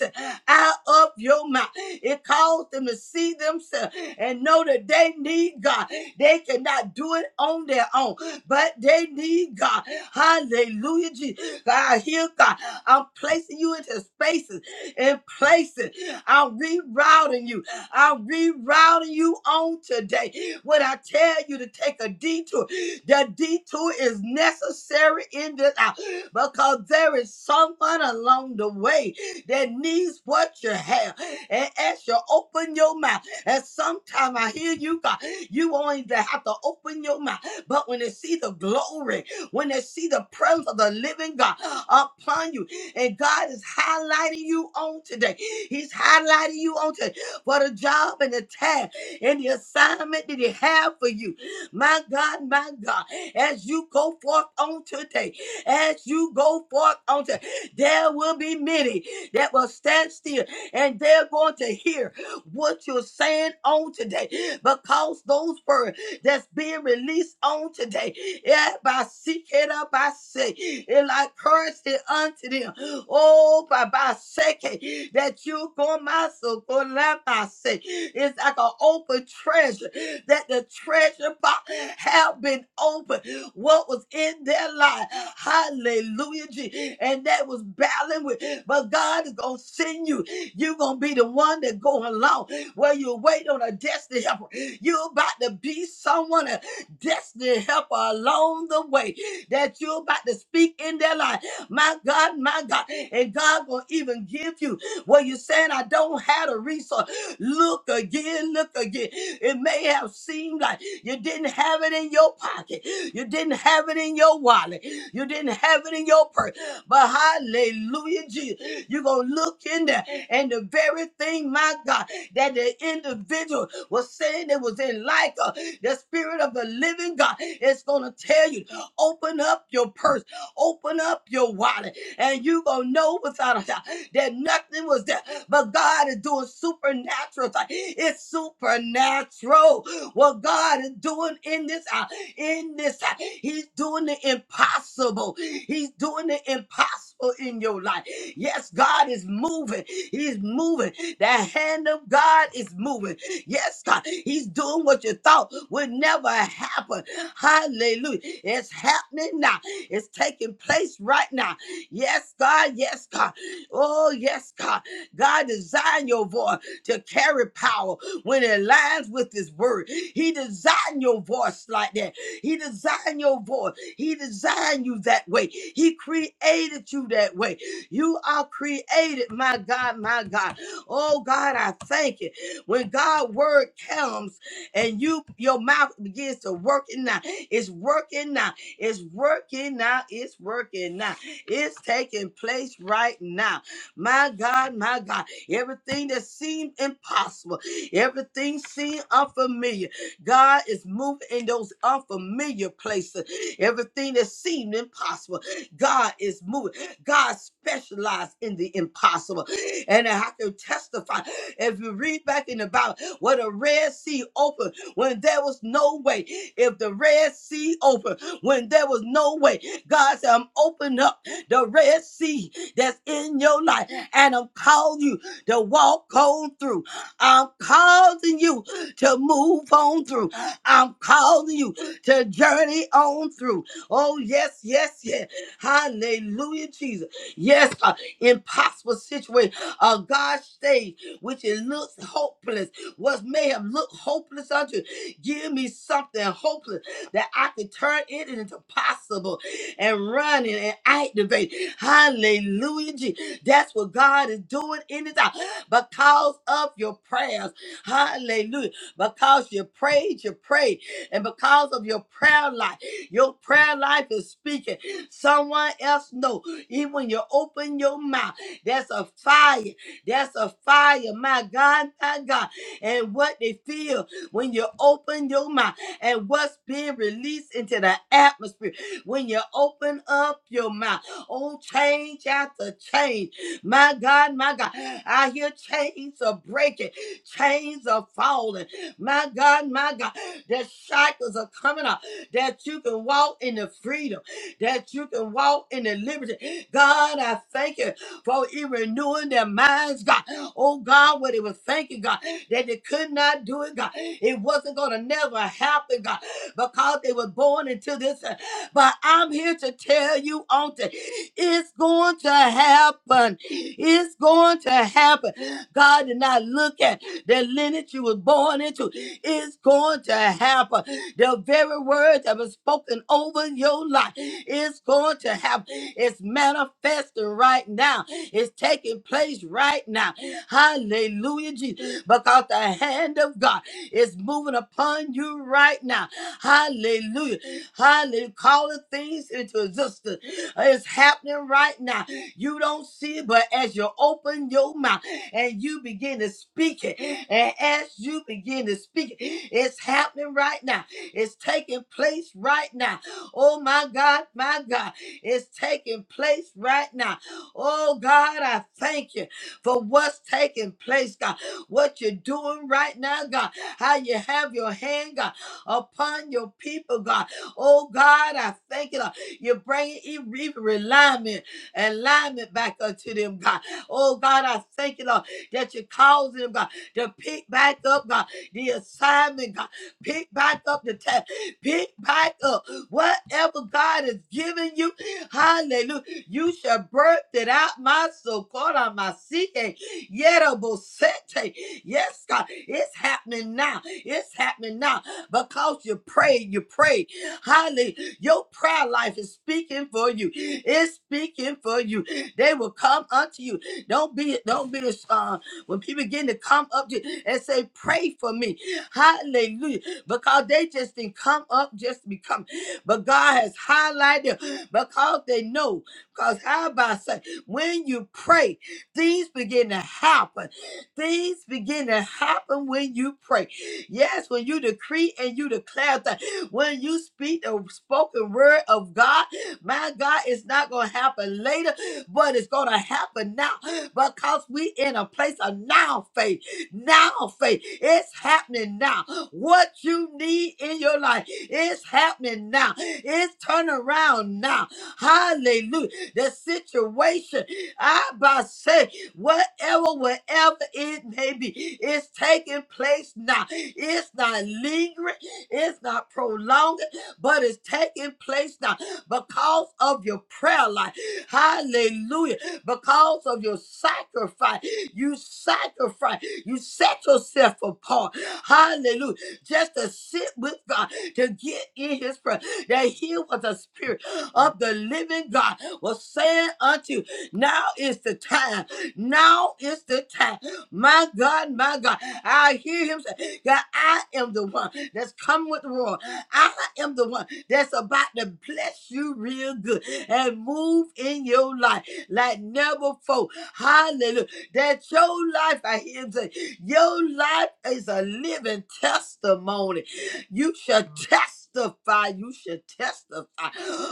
Speaker 2: out of your mouth. It caused them to see themselves and know that they need God. They cannot do it on their own, but they need God. Hallelujah, Jesus. God, I hear God. I'm placing you into spaces and places. I'm rerouting you. I'm rerouting you on today. When I tell you to take a detour, the detour is necessary in this hour because there is someone along the way that needs what you have. And as you open your mouth, and sometimes I hear you, God, you only not have to open your mouth. But when they see the glory, when they see the presence of the living God upon you, and God is highlighting you on today. He's highlighting you on today for the job and the task and the assignment that He have for you. My God, my God, as you go forth on today, as you go forth on today. There will be many that will stand still and they're going to hear what you're saying on today because those words that's being released on today, yeah, by seek it up, I say, it like currency unto them. Oh, by by second that you go myself, go let my say, it's like an open treasure that the treasure box have been opened what was in their life. Hallelujah. Je- And that was battling with, but God is going to send you. You're going to be the one that go along where you wait on a destiny helper. You're about to be someone, a destiny helper along the way that you're about to speak in their life. My God, my God. And God going to even give you what you're saying. I don't have a resource. Look again, look again. It may have seemed like you didn't have it in your pocket, you didn't have it in your wallet, you didn't have it in your purse. But hallelujah, Jesus, you're going to look in there, and the very thing, my God, that the individual was saying it was in like uh, the spirit of the living God is going to tell you, open up your purse, open up your wallet, and you going to know without a doubt that nothing was there but God is doing supernatural. thing. It's supernatural. What God is doing in this hour, in this hour, He's doing the impossible. He's doing the impossible in your life. Yes, God is moving. He's moving. The hand of God is moving. Yes, God, He's doing what you thought would never happen. Hallelujah. It's happening now. It's taking place right now. Yes, God. Yes, God. Oh, yes, God. God designed your voice to carry power when it aligns with His word. He designed your voice like that. He designed your voice. He designed you that way. He created you that way. You are created, my God, my God. Oh God, I thank you. When God's word comes and you your mouth begins to work it now. It's working now. It's working now. It's working now. It's taking place right now. My God, my God, everything that seemed impossible, everything seemed unfamiliar, God is moving in those unfamiliar places. Everything that seemed impossible, God is moving. God specialized in the impossible. And I can testify if you read back in the Bible, when the Red Sea opened when there was no way, if the Red Sea opened when there was no way, God said, I'm opening up the Red Sea that's in your life and I'm calling you to walk on through. I'm calling you to move on through. I'm calling you to journey on through. Oh, yes, yes, yes. Hallelujah, Jesus. Yes, uh, impossible situation. Uh, God's stage, which it looks hopeless, what may have looked hopeless unto you. Give me something hopeless that I can turn it into possible and run it and activate. Hallelujah, Jesus. That's what God is doing in this hour because of your prayers. Hallelujah. Because you prayed, you prayed. And because of your prayer life, your prayer life is speaking. Someone else know. Even when you open your mouth, that's a fire. That's a fire. My God, my God. And what they feel when you open your mouth and what's being released into the atmosphere when you open up your mouth. Oh, change after change. My God, my God. I hear chains are breaking, chains are falling. My God, my God. That shackles are coming up, that you can walk in the freedom, that you can walk in the liberty. God, I thank you for it renewing their minds, God. Oh, God, what they were thinking, God, that they could not do it, God. It wasn't going to never happen, God, because they were born into this. But I'm here to tell you on today, it's going to happen. It's going to happen. God did not look at the lineage you was born into. It's going to happen. The very word that was spoken over your life is going to happen. It's manifesting right now. It's taking place right now. Hallelujah, Jesus. Because the hand of God is moving upon you right now. Hallelujah. Hallelujah. Calling things into existence. It's happening right now. You don't see it, but as you open your mouth and you begin to speak it, and as you begin to speak it, it's happening right now. It's taking place right now. Oh my God, my God, it's taking place right now. Oh God, I thank you for what's taking place, God. What you're doing right now, God. How you have your hand, God, upon your people, God. Oh God, I thank you. Lord. You're bringing even even alignment, alignment back unto them, God. Oh God, I thank you, Lord, that you're causing them, God, to pick back up, God, the assignment, God. Pick back up the task. Pick back up whatever God has given you. Hallelujah. You shall birth it out, my so called on my seeking. Yerabosete. Yes, God. It's happening now. It's happening now because you pray, you pray. Hallelujah. Your prayer life is speaking for you. It's speaking for you. They will come unto you. Don't be, don't be, uh, when people begin to come up to you and say, pray for me. Hallelujah. Because they just didn't come up just to become. But God has highlighted them because they know. Because how about say, when you pray, things begin to happen. Things begin to happen when you pray. Yes, when you decree and you declare that when you speak the spoken word of God, my God, it's not going to happen later, but it's going to happen now because we in a place of now faith. Now faith. It's happening now. What you need in your life is happening now. It's turning around now. Hallelujah. The situation, I by say, whatever, wherever it may be, it's taking place now. It's not lingering. It's not prolonging, but it's taking place now because of your prayer life. Hallelujah. Because of your sacrifice. You sacrifice. You set yourself apart. Hallelujah. Just to sit with God, to get in his presence. That he was the spirit of the living God was saying unto you, now is the time. Now is the time. My God, my God. I hear him say, God, I am the one that's come with the roar. I am the one that's about to bless you real good and move in your life like never before. Hallelujah. That your life, I hear him say, your life is a living testimony. You shall testify. You shall testify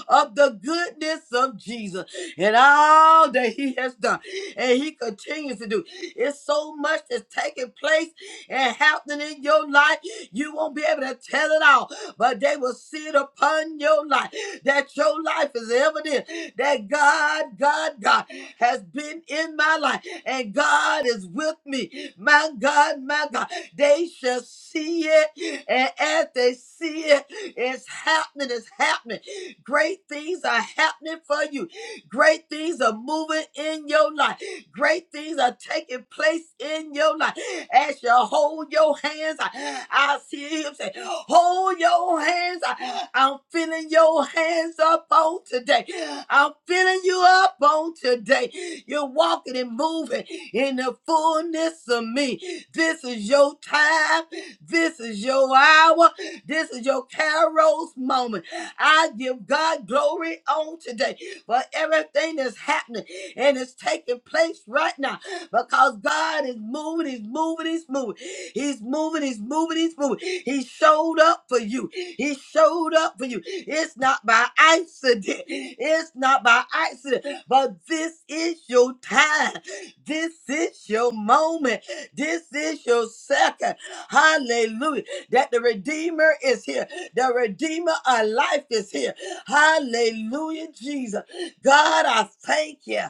Speaker 2: of the goodness of Jesus and all that he has done. And he continues to do. It's so much that's taking place and happening in your life. You won't be able to tell it all, but they will see it upon your life that your life is evident that God, God, God has been in my life and God is with me. My God, my God, they shall see it. And as they see it, it's happening, it's happening. Great things are happening for you, great things are moving in your life. Great things are taking place in your life. As you hold your hands, I I see him say, Hold your hands. I- I'm feeling your hands up on today. I'm feeling you up on today. You're walking and moving in the fullness of me. This is your time. This is your hour. This is your Carol's moment. I give God glory on today for everything that's happening and it's taking place right now because God is moving, He's moving, He's moving, He's moving, He's moving, He's moving. He showed up for you, He showed up for you. It's not by accident, it's not by accident, but this is your time, this is your moment, this is your second. Hallelujah. That the Redeemer is here, the Redeemer of life is here. Hallelujah, Jesus. God, I thank you.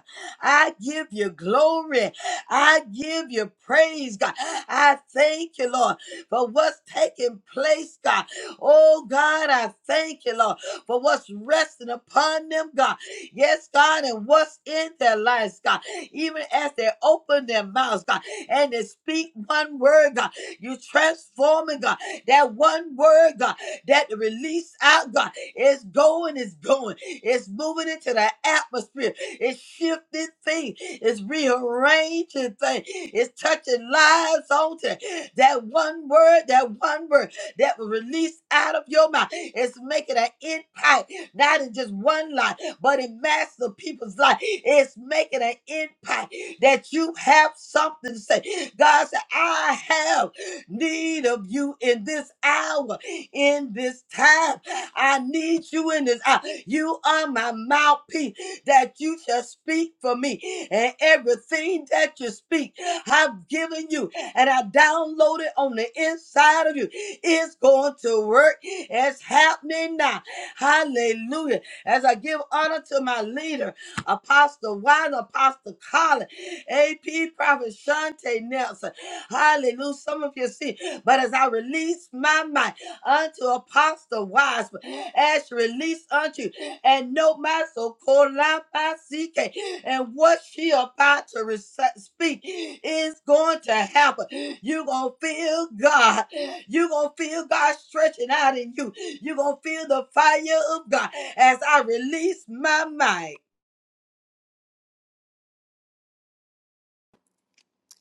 Speaker 2: I give you glory. I give you praise, God. I thank you, Lord, for what's taking place, God. Oh, God, I thank you, Lord, for what's resting upon them, God. Yes, God, and what's in their lives, God. Even as they open their mouths, God, and they speak one word, God, you transforming, God, that one word, God, that release out, God. It's going, it's going. It's moving into the atmosphere. It's shifting things. It's rearranging things. It's touching lives on today. That one word, that one word that was released out of your mouth. It's making an impact, not in just one life, but in mass of people's life. It's making an impact that you have something to say. God said, I have need of you in this hour, in this time. I need you in this. hour. you are my mouthpiece that you shall speak for me. And everything that you speak, I've given you and I downloaded on the inside of you. It's going to work. It's happening now. Hallelujah. As I give honor to my leader, Apostle Wine, Apostle Colin, AP Prophet Shante Nelson. Hallelujah. Some of you see, but as I release my mind unto Apostle Wiseman as she released unto you. and no maso kolapasike and what she about to rec- speak is going to happen. You're going to feel God. You're going to feel God stretching out in you. You're going to feel the fire of God as I release my mind.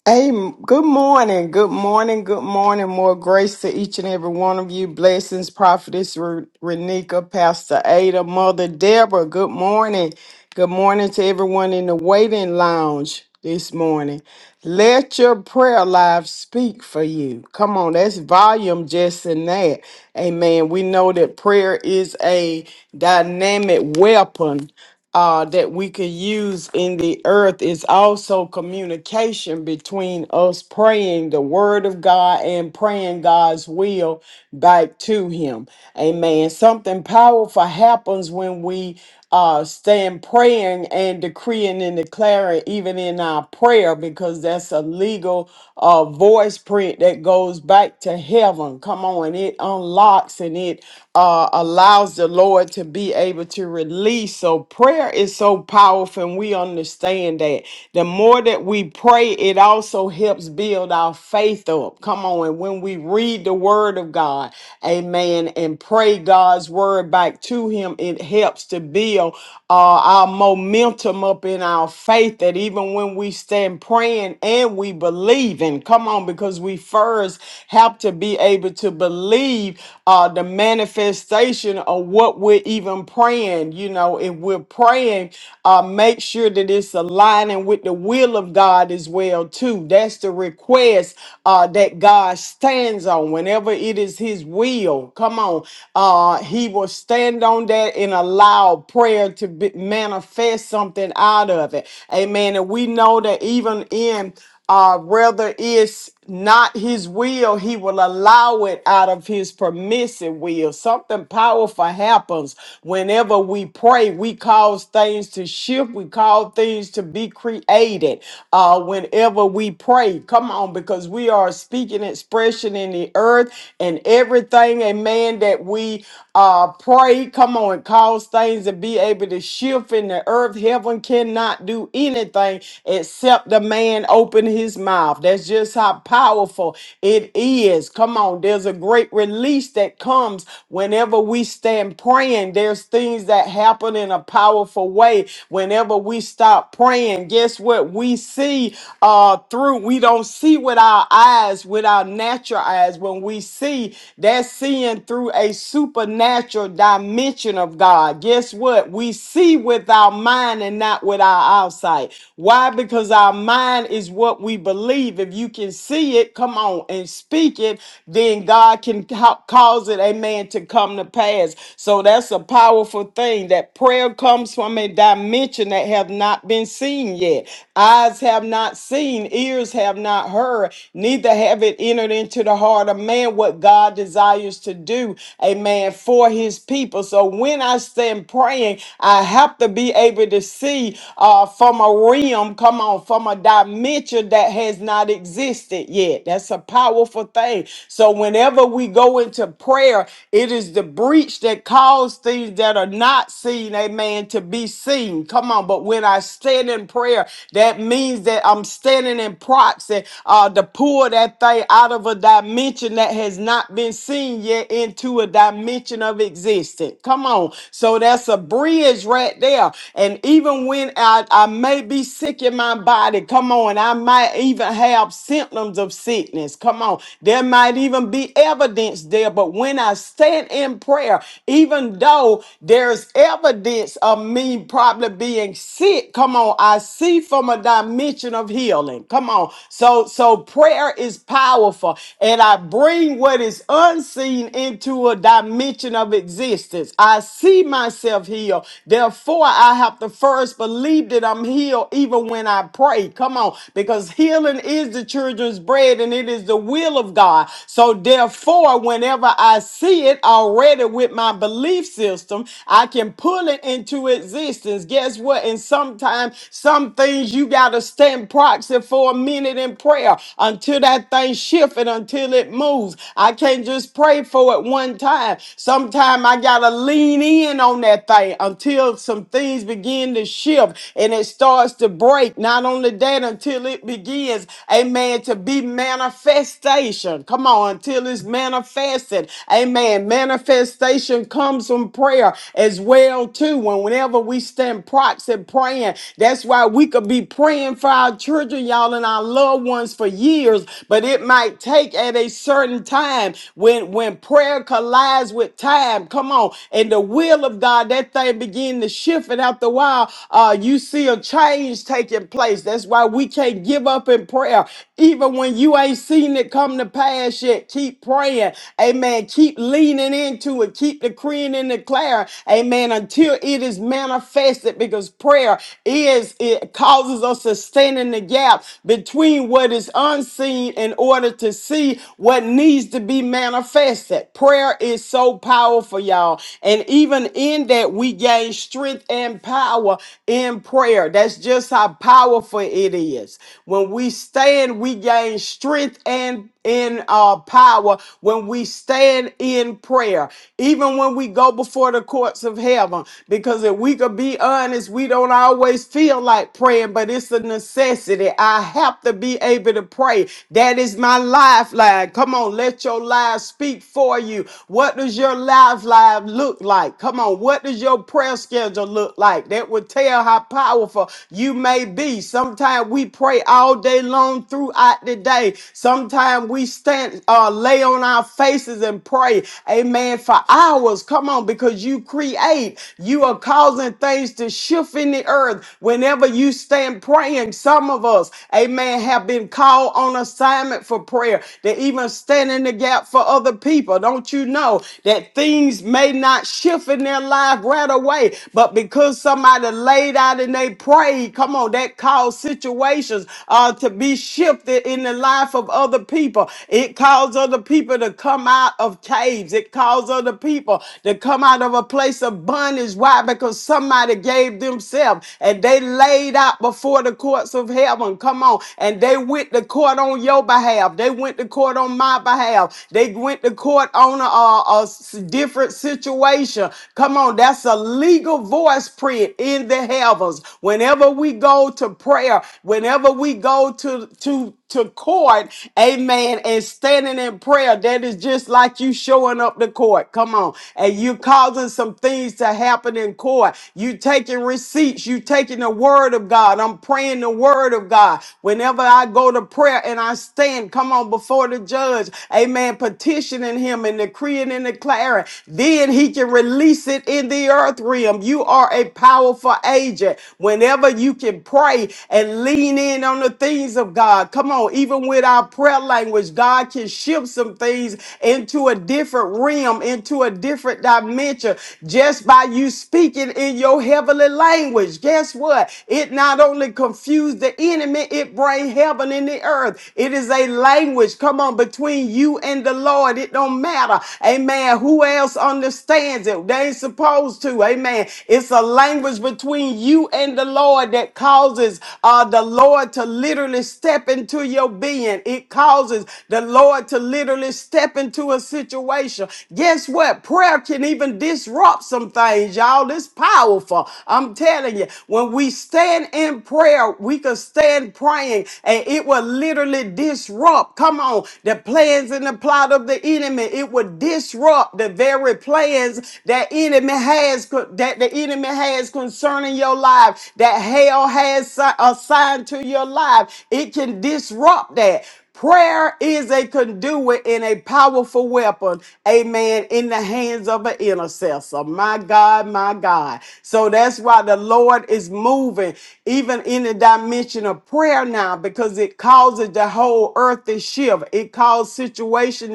Speaker 4: Hey, good morning, good morning, good morning. More grace to each and every one of you. Blessings, Prophetess Re- Renika, Pastor Ada, Mother Deborah. Good morning. Good morning to everyone in the waiting lounge this morning. Let your prayer life speak for you. Come on, that's volume just in that. Amen. We know that prayer is a dynamic weapon uh, that we could use in the earth is also communication between us praying the word of God and praying God's will back to Him. Amen. Something powerful happens when we uh, stand praying and decreeing and declaring, even in our prayer, because that's a legal uh, voice print that goes back to heaven. Come on, it unlocks and it uh, allows the Lord to be able to release. So prayer is so powerful, and we understand that. The more that we pray, it also helps build our faith up. Come on, and when we read the word of God, amen, and pray God's word back to him, it helps to build uh, our momentum up in our faith that even when we stand praying and we believe in, come on, because we first have to be able to believe uh, the manifestation of what we're even praying, you know, if we're praying, uh, make sure that it's aligning with the will of God as well, too. That's the request uh, that God stands on. Whenever it is His will, come on, uh, He will stand on that and allow prayer to be, manifest something out of it. Amen. And we know that even in uh, whether it's not his will, he will allow it out of his permissive will. Something powerful happens whenever we pray. We cause things to shift, we call things to be created. Uh, whenever we pray, come on, because we are a speaking expression in the earth, and everything, amen, that we uh pray, come on, it cause things to be able to shift in the earth. Heaven cannot do anything except the man open his mouth mouth. That's just how powerful it is. Come on, there's a great release that comes whenever we stand praying. There's things that happen in a powerful way. Whenever we stop praying, guess what? We see uh through. We don't see with our eyes, with our natural eyes. When we see, that's seeing through a supernatural dimension of God. Guess what? We see with our mind and not with our eyesight. Why? Because our mind is what what we believe. If you can see it, come on and speak it, then God can ca- cause it, amen, to come to pass. So that's a powerful thing that prayer comes from a dimension that have not been seen yet. Eyes have not seen, ears have not heard, neither have it entered into the heart of man what God desires to do, amen, for his people. So when I stand praying, I have to be able to see uh, from a realm, come on, from a from a dimension that has not existed yet. That's a powerful thing. So whenever we go into prayer, it is the breach that caused things that are not seen, amen, to be seen. Come on, but when I stand in prayer, that means that I'm standing in proxy uh, to pull that thing out of a dimension that has not been seen yet into a dimension of existence. Come on. So that's a bridge right there. And even when I, I may be sick sick in my body. Come on. I might even have symptoms of sickness. Come on. There might even be evidence there. But when I stand in prayer, even though there's evidence of me probably being sick, come on, I see from a dimension of healing. Come on. So so prayer is powerful. And I bring what is unseen into a dimension of existence. I see myself healed. Therefore, I have to first believe that I'm I'm healed even when I pray. Come on, because healing is the children's bread and it is the will of God. So therefore, whenever I see it already with my belief system, I can pull it into existence. Guess what? And sometimes some things you gotta stand proxy for a minute in prayer until that thing shifts and until it moves. I can't just pray for it one time. Sometimes I gotta lean in on that thing until some things begin to shift shift and it starts to break. Not only that, until it begins, amen, to be manifestation. Come on, until it's manifested. Amen. Manifestation comes from prayer as well, too. When whenever we stand proxy praying, that's why we could be praying for our children, y'all, and our loved ones for years, but it might take at a certain time when when prayer collides with time. Come on, and the will of God, that thing begin to shift it after a while, uh, you see a change taking place. That's why we can't give up in prayer. Even when you ain't seen it come to pass yet, keep praying. Amen. Keep leaning into it. Keep decreeing and declaring. Amen. Until it is manifested because prayer is, it causes us to stand in the gap between what is unseen in order to see what needs to be manifested. Prayer is so powerful, y'all. And even in that, we gain strength strength and power in prayer. That's just how powerful it is. When we stand, we gain strength and in uh, power when we stand in prayer, even when we go before the courts of heaven. Because if we could be honest, we don't always feel like praying, but it's a necessity. I have to be able to pray. That is my lifeline. Come on, let your life speak for you. What does your lifeline look like? Come on, what does does your prayer schedule look like? That would tell how powerful you may be. Sometimes we pray all day long throughout the day. Sometimes we stand, uh, lay on our faces and pray, amen, for hours. Come on, because you create, you are causing things to shift in the earth. Whenever you stand praying, some of us, amen, have been called on assignment for prayer. They even stand in the gap for other people. Don't you know that things may not shift? shift in their life right away. But because somebody laid out and they prayed, come on, that caused situations uh, to be shifted in the life of other people. It caused other people to come out of caves. It caused other people to come out of a place of bondage. Why? Because somebody gave themselves and they laid out before the courts of heaven. Come on. And they went to court on your behalf. They went to court on my behalf. They went to court on a, a, a s- different situation. Come on, that's a legal voice print in the heavens. Whenever we go to prayer, whenever we go to to to court, amen, and standing in prayer, that is just like you showing up to court. Come on. And you causing some things to happen in court. You taking receipts, you taking the word of God. I'm praying the word of God. Whenever I go to prayer and I stand, come on, before the judge, amen, petitioning him and decreeing and declaring declare it. Then he can release it in the earth realm. You are a powerful agent. Whenever you can pray and lean in on the things of God, come on, even with our prayer language, God can shift some things into a different realm, into a different dimension just by you speaking in your heavenly language. Guess what? It not only confused the enemy, it bring heaven in the earth. It is a language, come on, between you and the Lord. It don't matter matter. Amen. Who else understands it? They ain't supposed to. Amen. It's a language between you and the Lord that causes uh, the Lord to literally step into your being. It causes the Lord to literally step into a situation. Guess what? Prayer can even disrupt some things, y'all. It's powerful. I'm telling you, when we stand in prayer, we can stand praying and it will literally disrupt. Come on, the plans and the plot of the the enemy. It would disrupt the very plans that enemy has that the enemy has concerning your life, that hell has si- assigned to your life. It can disrupt that. Prayer is a conduit and a powerful weapon, amen, in the hands of an intercessor. My God, my God. So that's why the Lord is moving, even in the dimension of prayer now, because it causes the whole earth to shift. It causes situations situation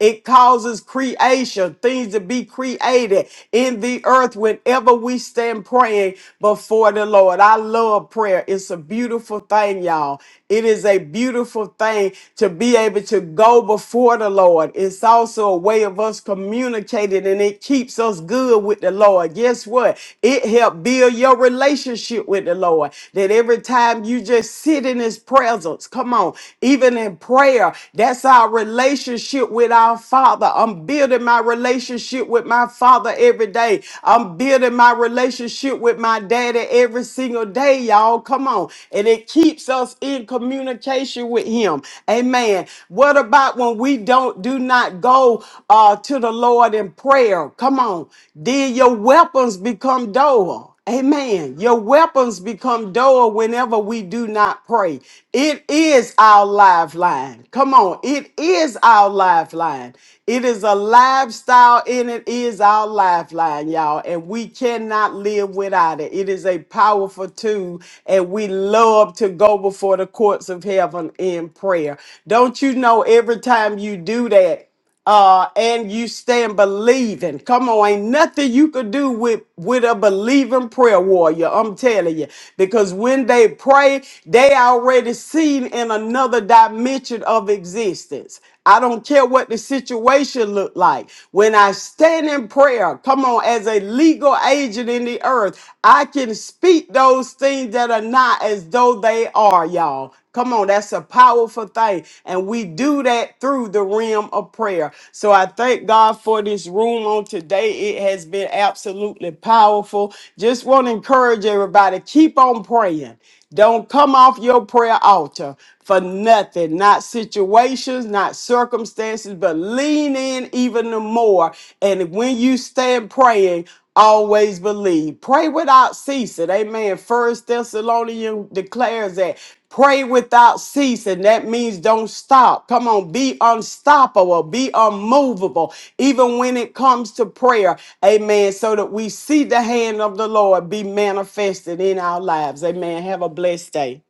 Speaker 4: It causes creation, things to be created in the earth whenever we stand praying before the Lord. I love prayer. It's a beautiful thing, y'all. It is a beautiful thing to be able to go before the Lord. It's also a way of us communicating and it keeps us good with the Lord. Guess what? It helps build your relationship with the Lord. That every time you just sit in his presence, come on, even in prayer, that's our relationship with our Father. I'm building my relationship with my Father every day. I'm building my relationship with my daddy every single day, y'all. Come on. And it keeps us in communication with him. Amen. What about when we don't do not go uh, to the Lord in prayer? Come on. Then your weapons become dull. Amen. Your weapons become dull whenever we do not pray. It is our lifeline. Come on. It is our lifeline. It is a lifestyle and it is our lifeline, y'all. And we cannot live without it. It is a powerful tool. And we love to go before the courts of heaven in prayer. Don't you know every time you do that? uh, and you stand believing. Come on, ain't nothing you could do with with a believing prayer warrior. I'm telling you, because when they pray, they already seen in another dimension of existence. I don't care what the situation look like. When I stand in prayer, come on, as a legal agent in the earth, I can speak those things that are not as though they are, y'all. Come on, that's a powerful thing. And we do that through the realm of prayer. So I thank God for this room on today. It has been absolutely powerful. Just want to encourage everybody keep on praying. Don't come off your prayer altar for nothing, not situations, not circumstances, but lean in even the more. And when you stand praying, always believe. Pray without ceasing. Amen. First Thessalonians declares that Pray without ceasing. That means don't stop. Come on, be unstoppable, be unmovable, even when it comes to prayer. Amen. So that we see the hand of the Lord be manifested in our lives. Amen. Have a blessed day.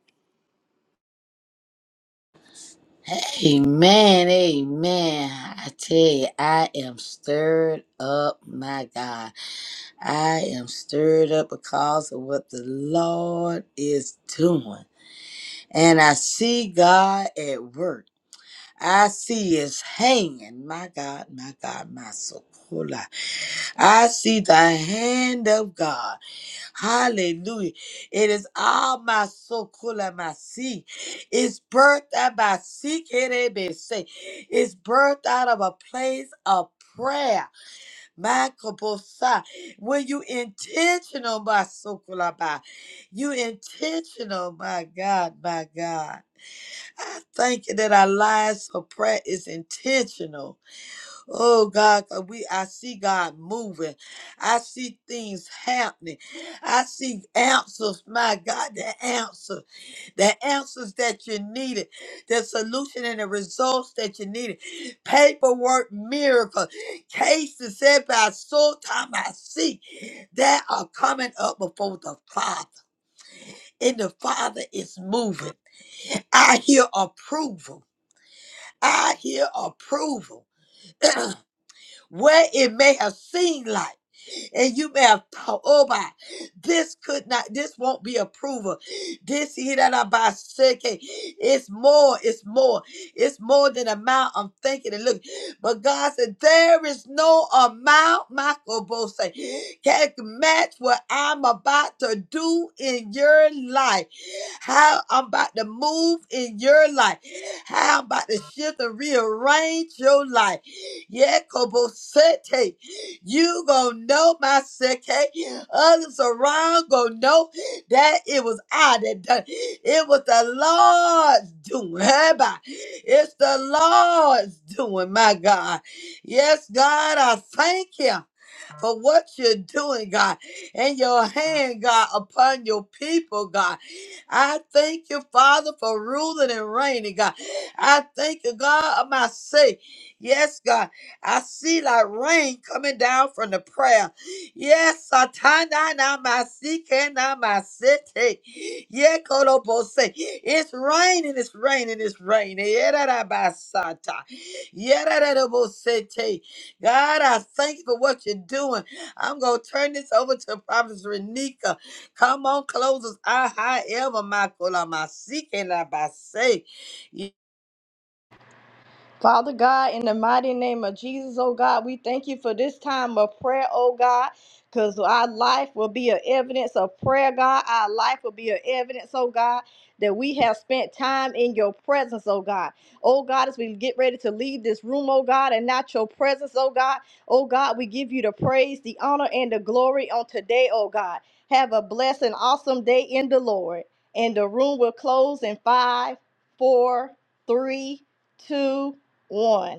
Speaker 2: Amen, amen. I tell you, I am stirred up, my God. I am stirred up because of what the Lord is doing. And I see God at work. I see his hand. My God, my God, my soul. I see the hand of God. Hallelujah. It is all my sokula my It's birthed out by seek It's birthed out of a place of prayer. My kobosa. When you intentional by sokula by you intentional, my God, my God. Thank you that our lives of prayer is intentional. Oh God, 'cause we I see God moving. I see things happening. I see answers, my God, the answer, the answers that you needed, the solution and the results that you needed. Paperwork miracle, cases said by soul time I see that are coming up before the Father. And the Father is moving. I hear approval. I hear approval. Where it may have seemed like. And you may have thought, oh my, this could not, this won't be approval. This here that I buy second. It's more, it's more, it's more than amount I'm thinking and looking." But God said, there is no amount, Michael Bose, can match what I'm about to do in your life. How I'm about to move in your life. How I'm about to shift and rearrange your life. Yeah, Kobosete. You gonna know my second. Others around gonna know that it was I that done. it. It was the Lord's doing. Hey, bye. It's the Lord's doing, my God. Yes, God, I thank you for what you're doing, God, and your hand, God, upon your people, God. I thank you, Father, for ruling and reigning, God. I thank you, God, of my say. Yes, God, I see like rain coming down from the prayer. Yes, Satana na masike na masete. Ye kolobose. It's raining, it's raining, it's raining. Yera da basata. Yera da da bosete. God, I thank you for what you're doing. I'm going to turn this over to Prophetess Renika. Come on, close us. Ah, however, my Kola, my seeking, I by say.
Speaker 1: Father God, in the mighty name of Jesus, oh God, we thank you for this time of prayer, oh God, because our life will be an evidence of prayer, God. Our life will be an evidence, oh God, that we have spent time in your presence, oh God. Oh God, as we get ready to leave this room, oh God, and not your presence, oh God, oh God, we give you the praise, the honor, and the glory on today, oh God. Have a blessed and awesome day in the Lord. And the room will close in five, four, three, two, on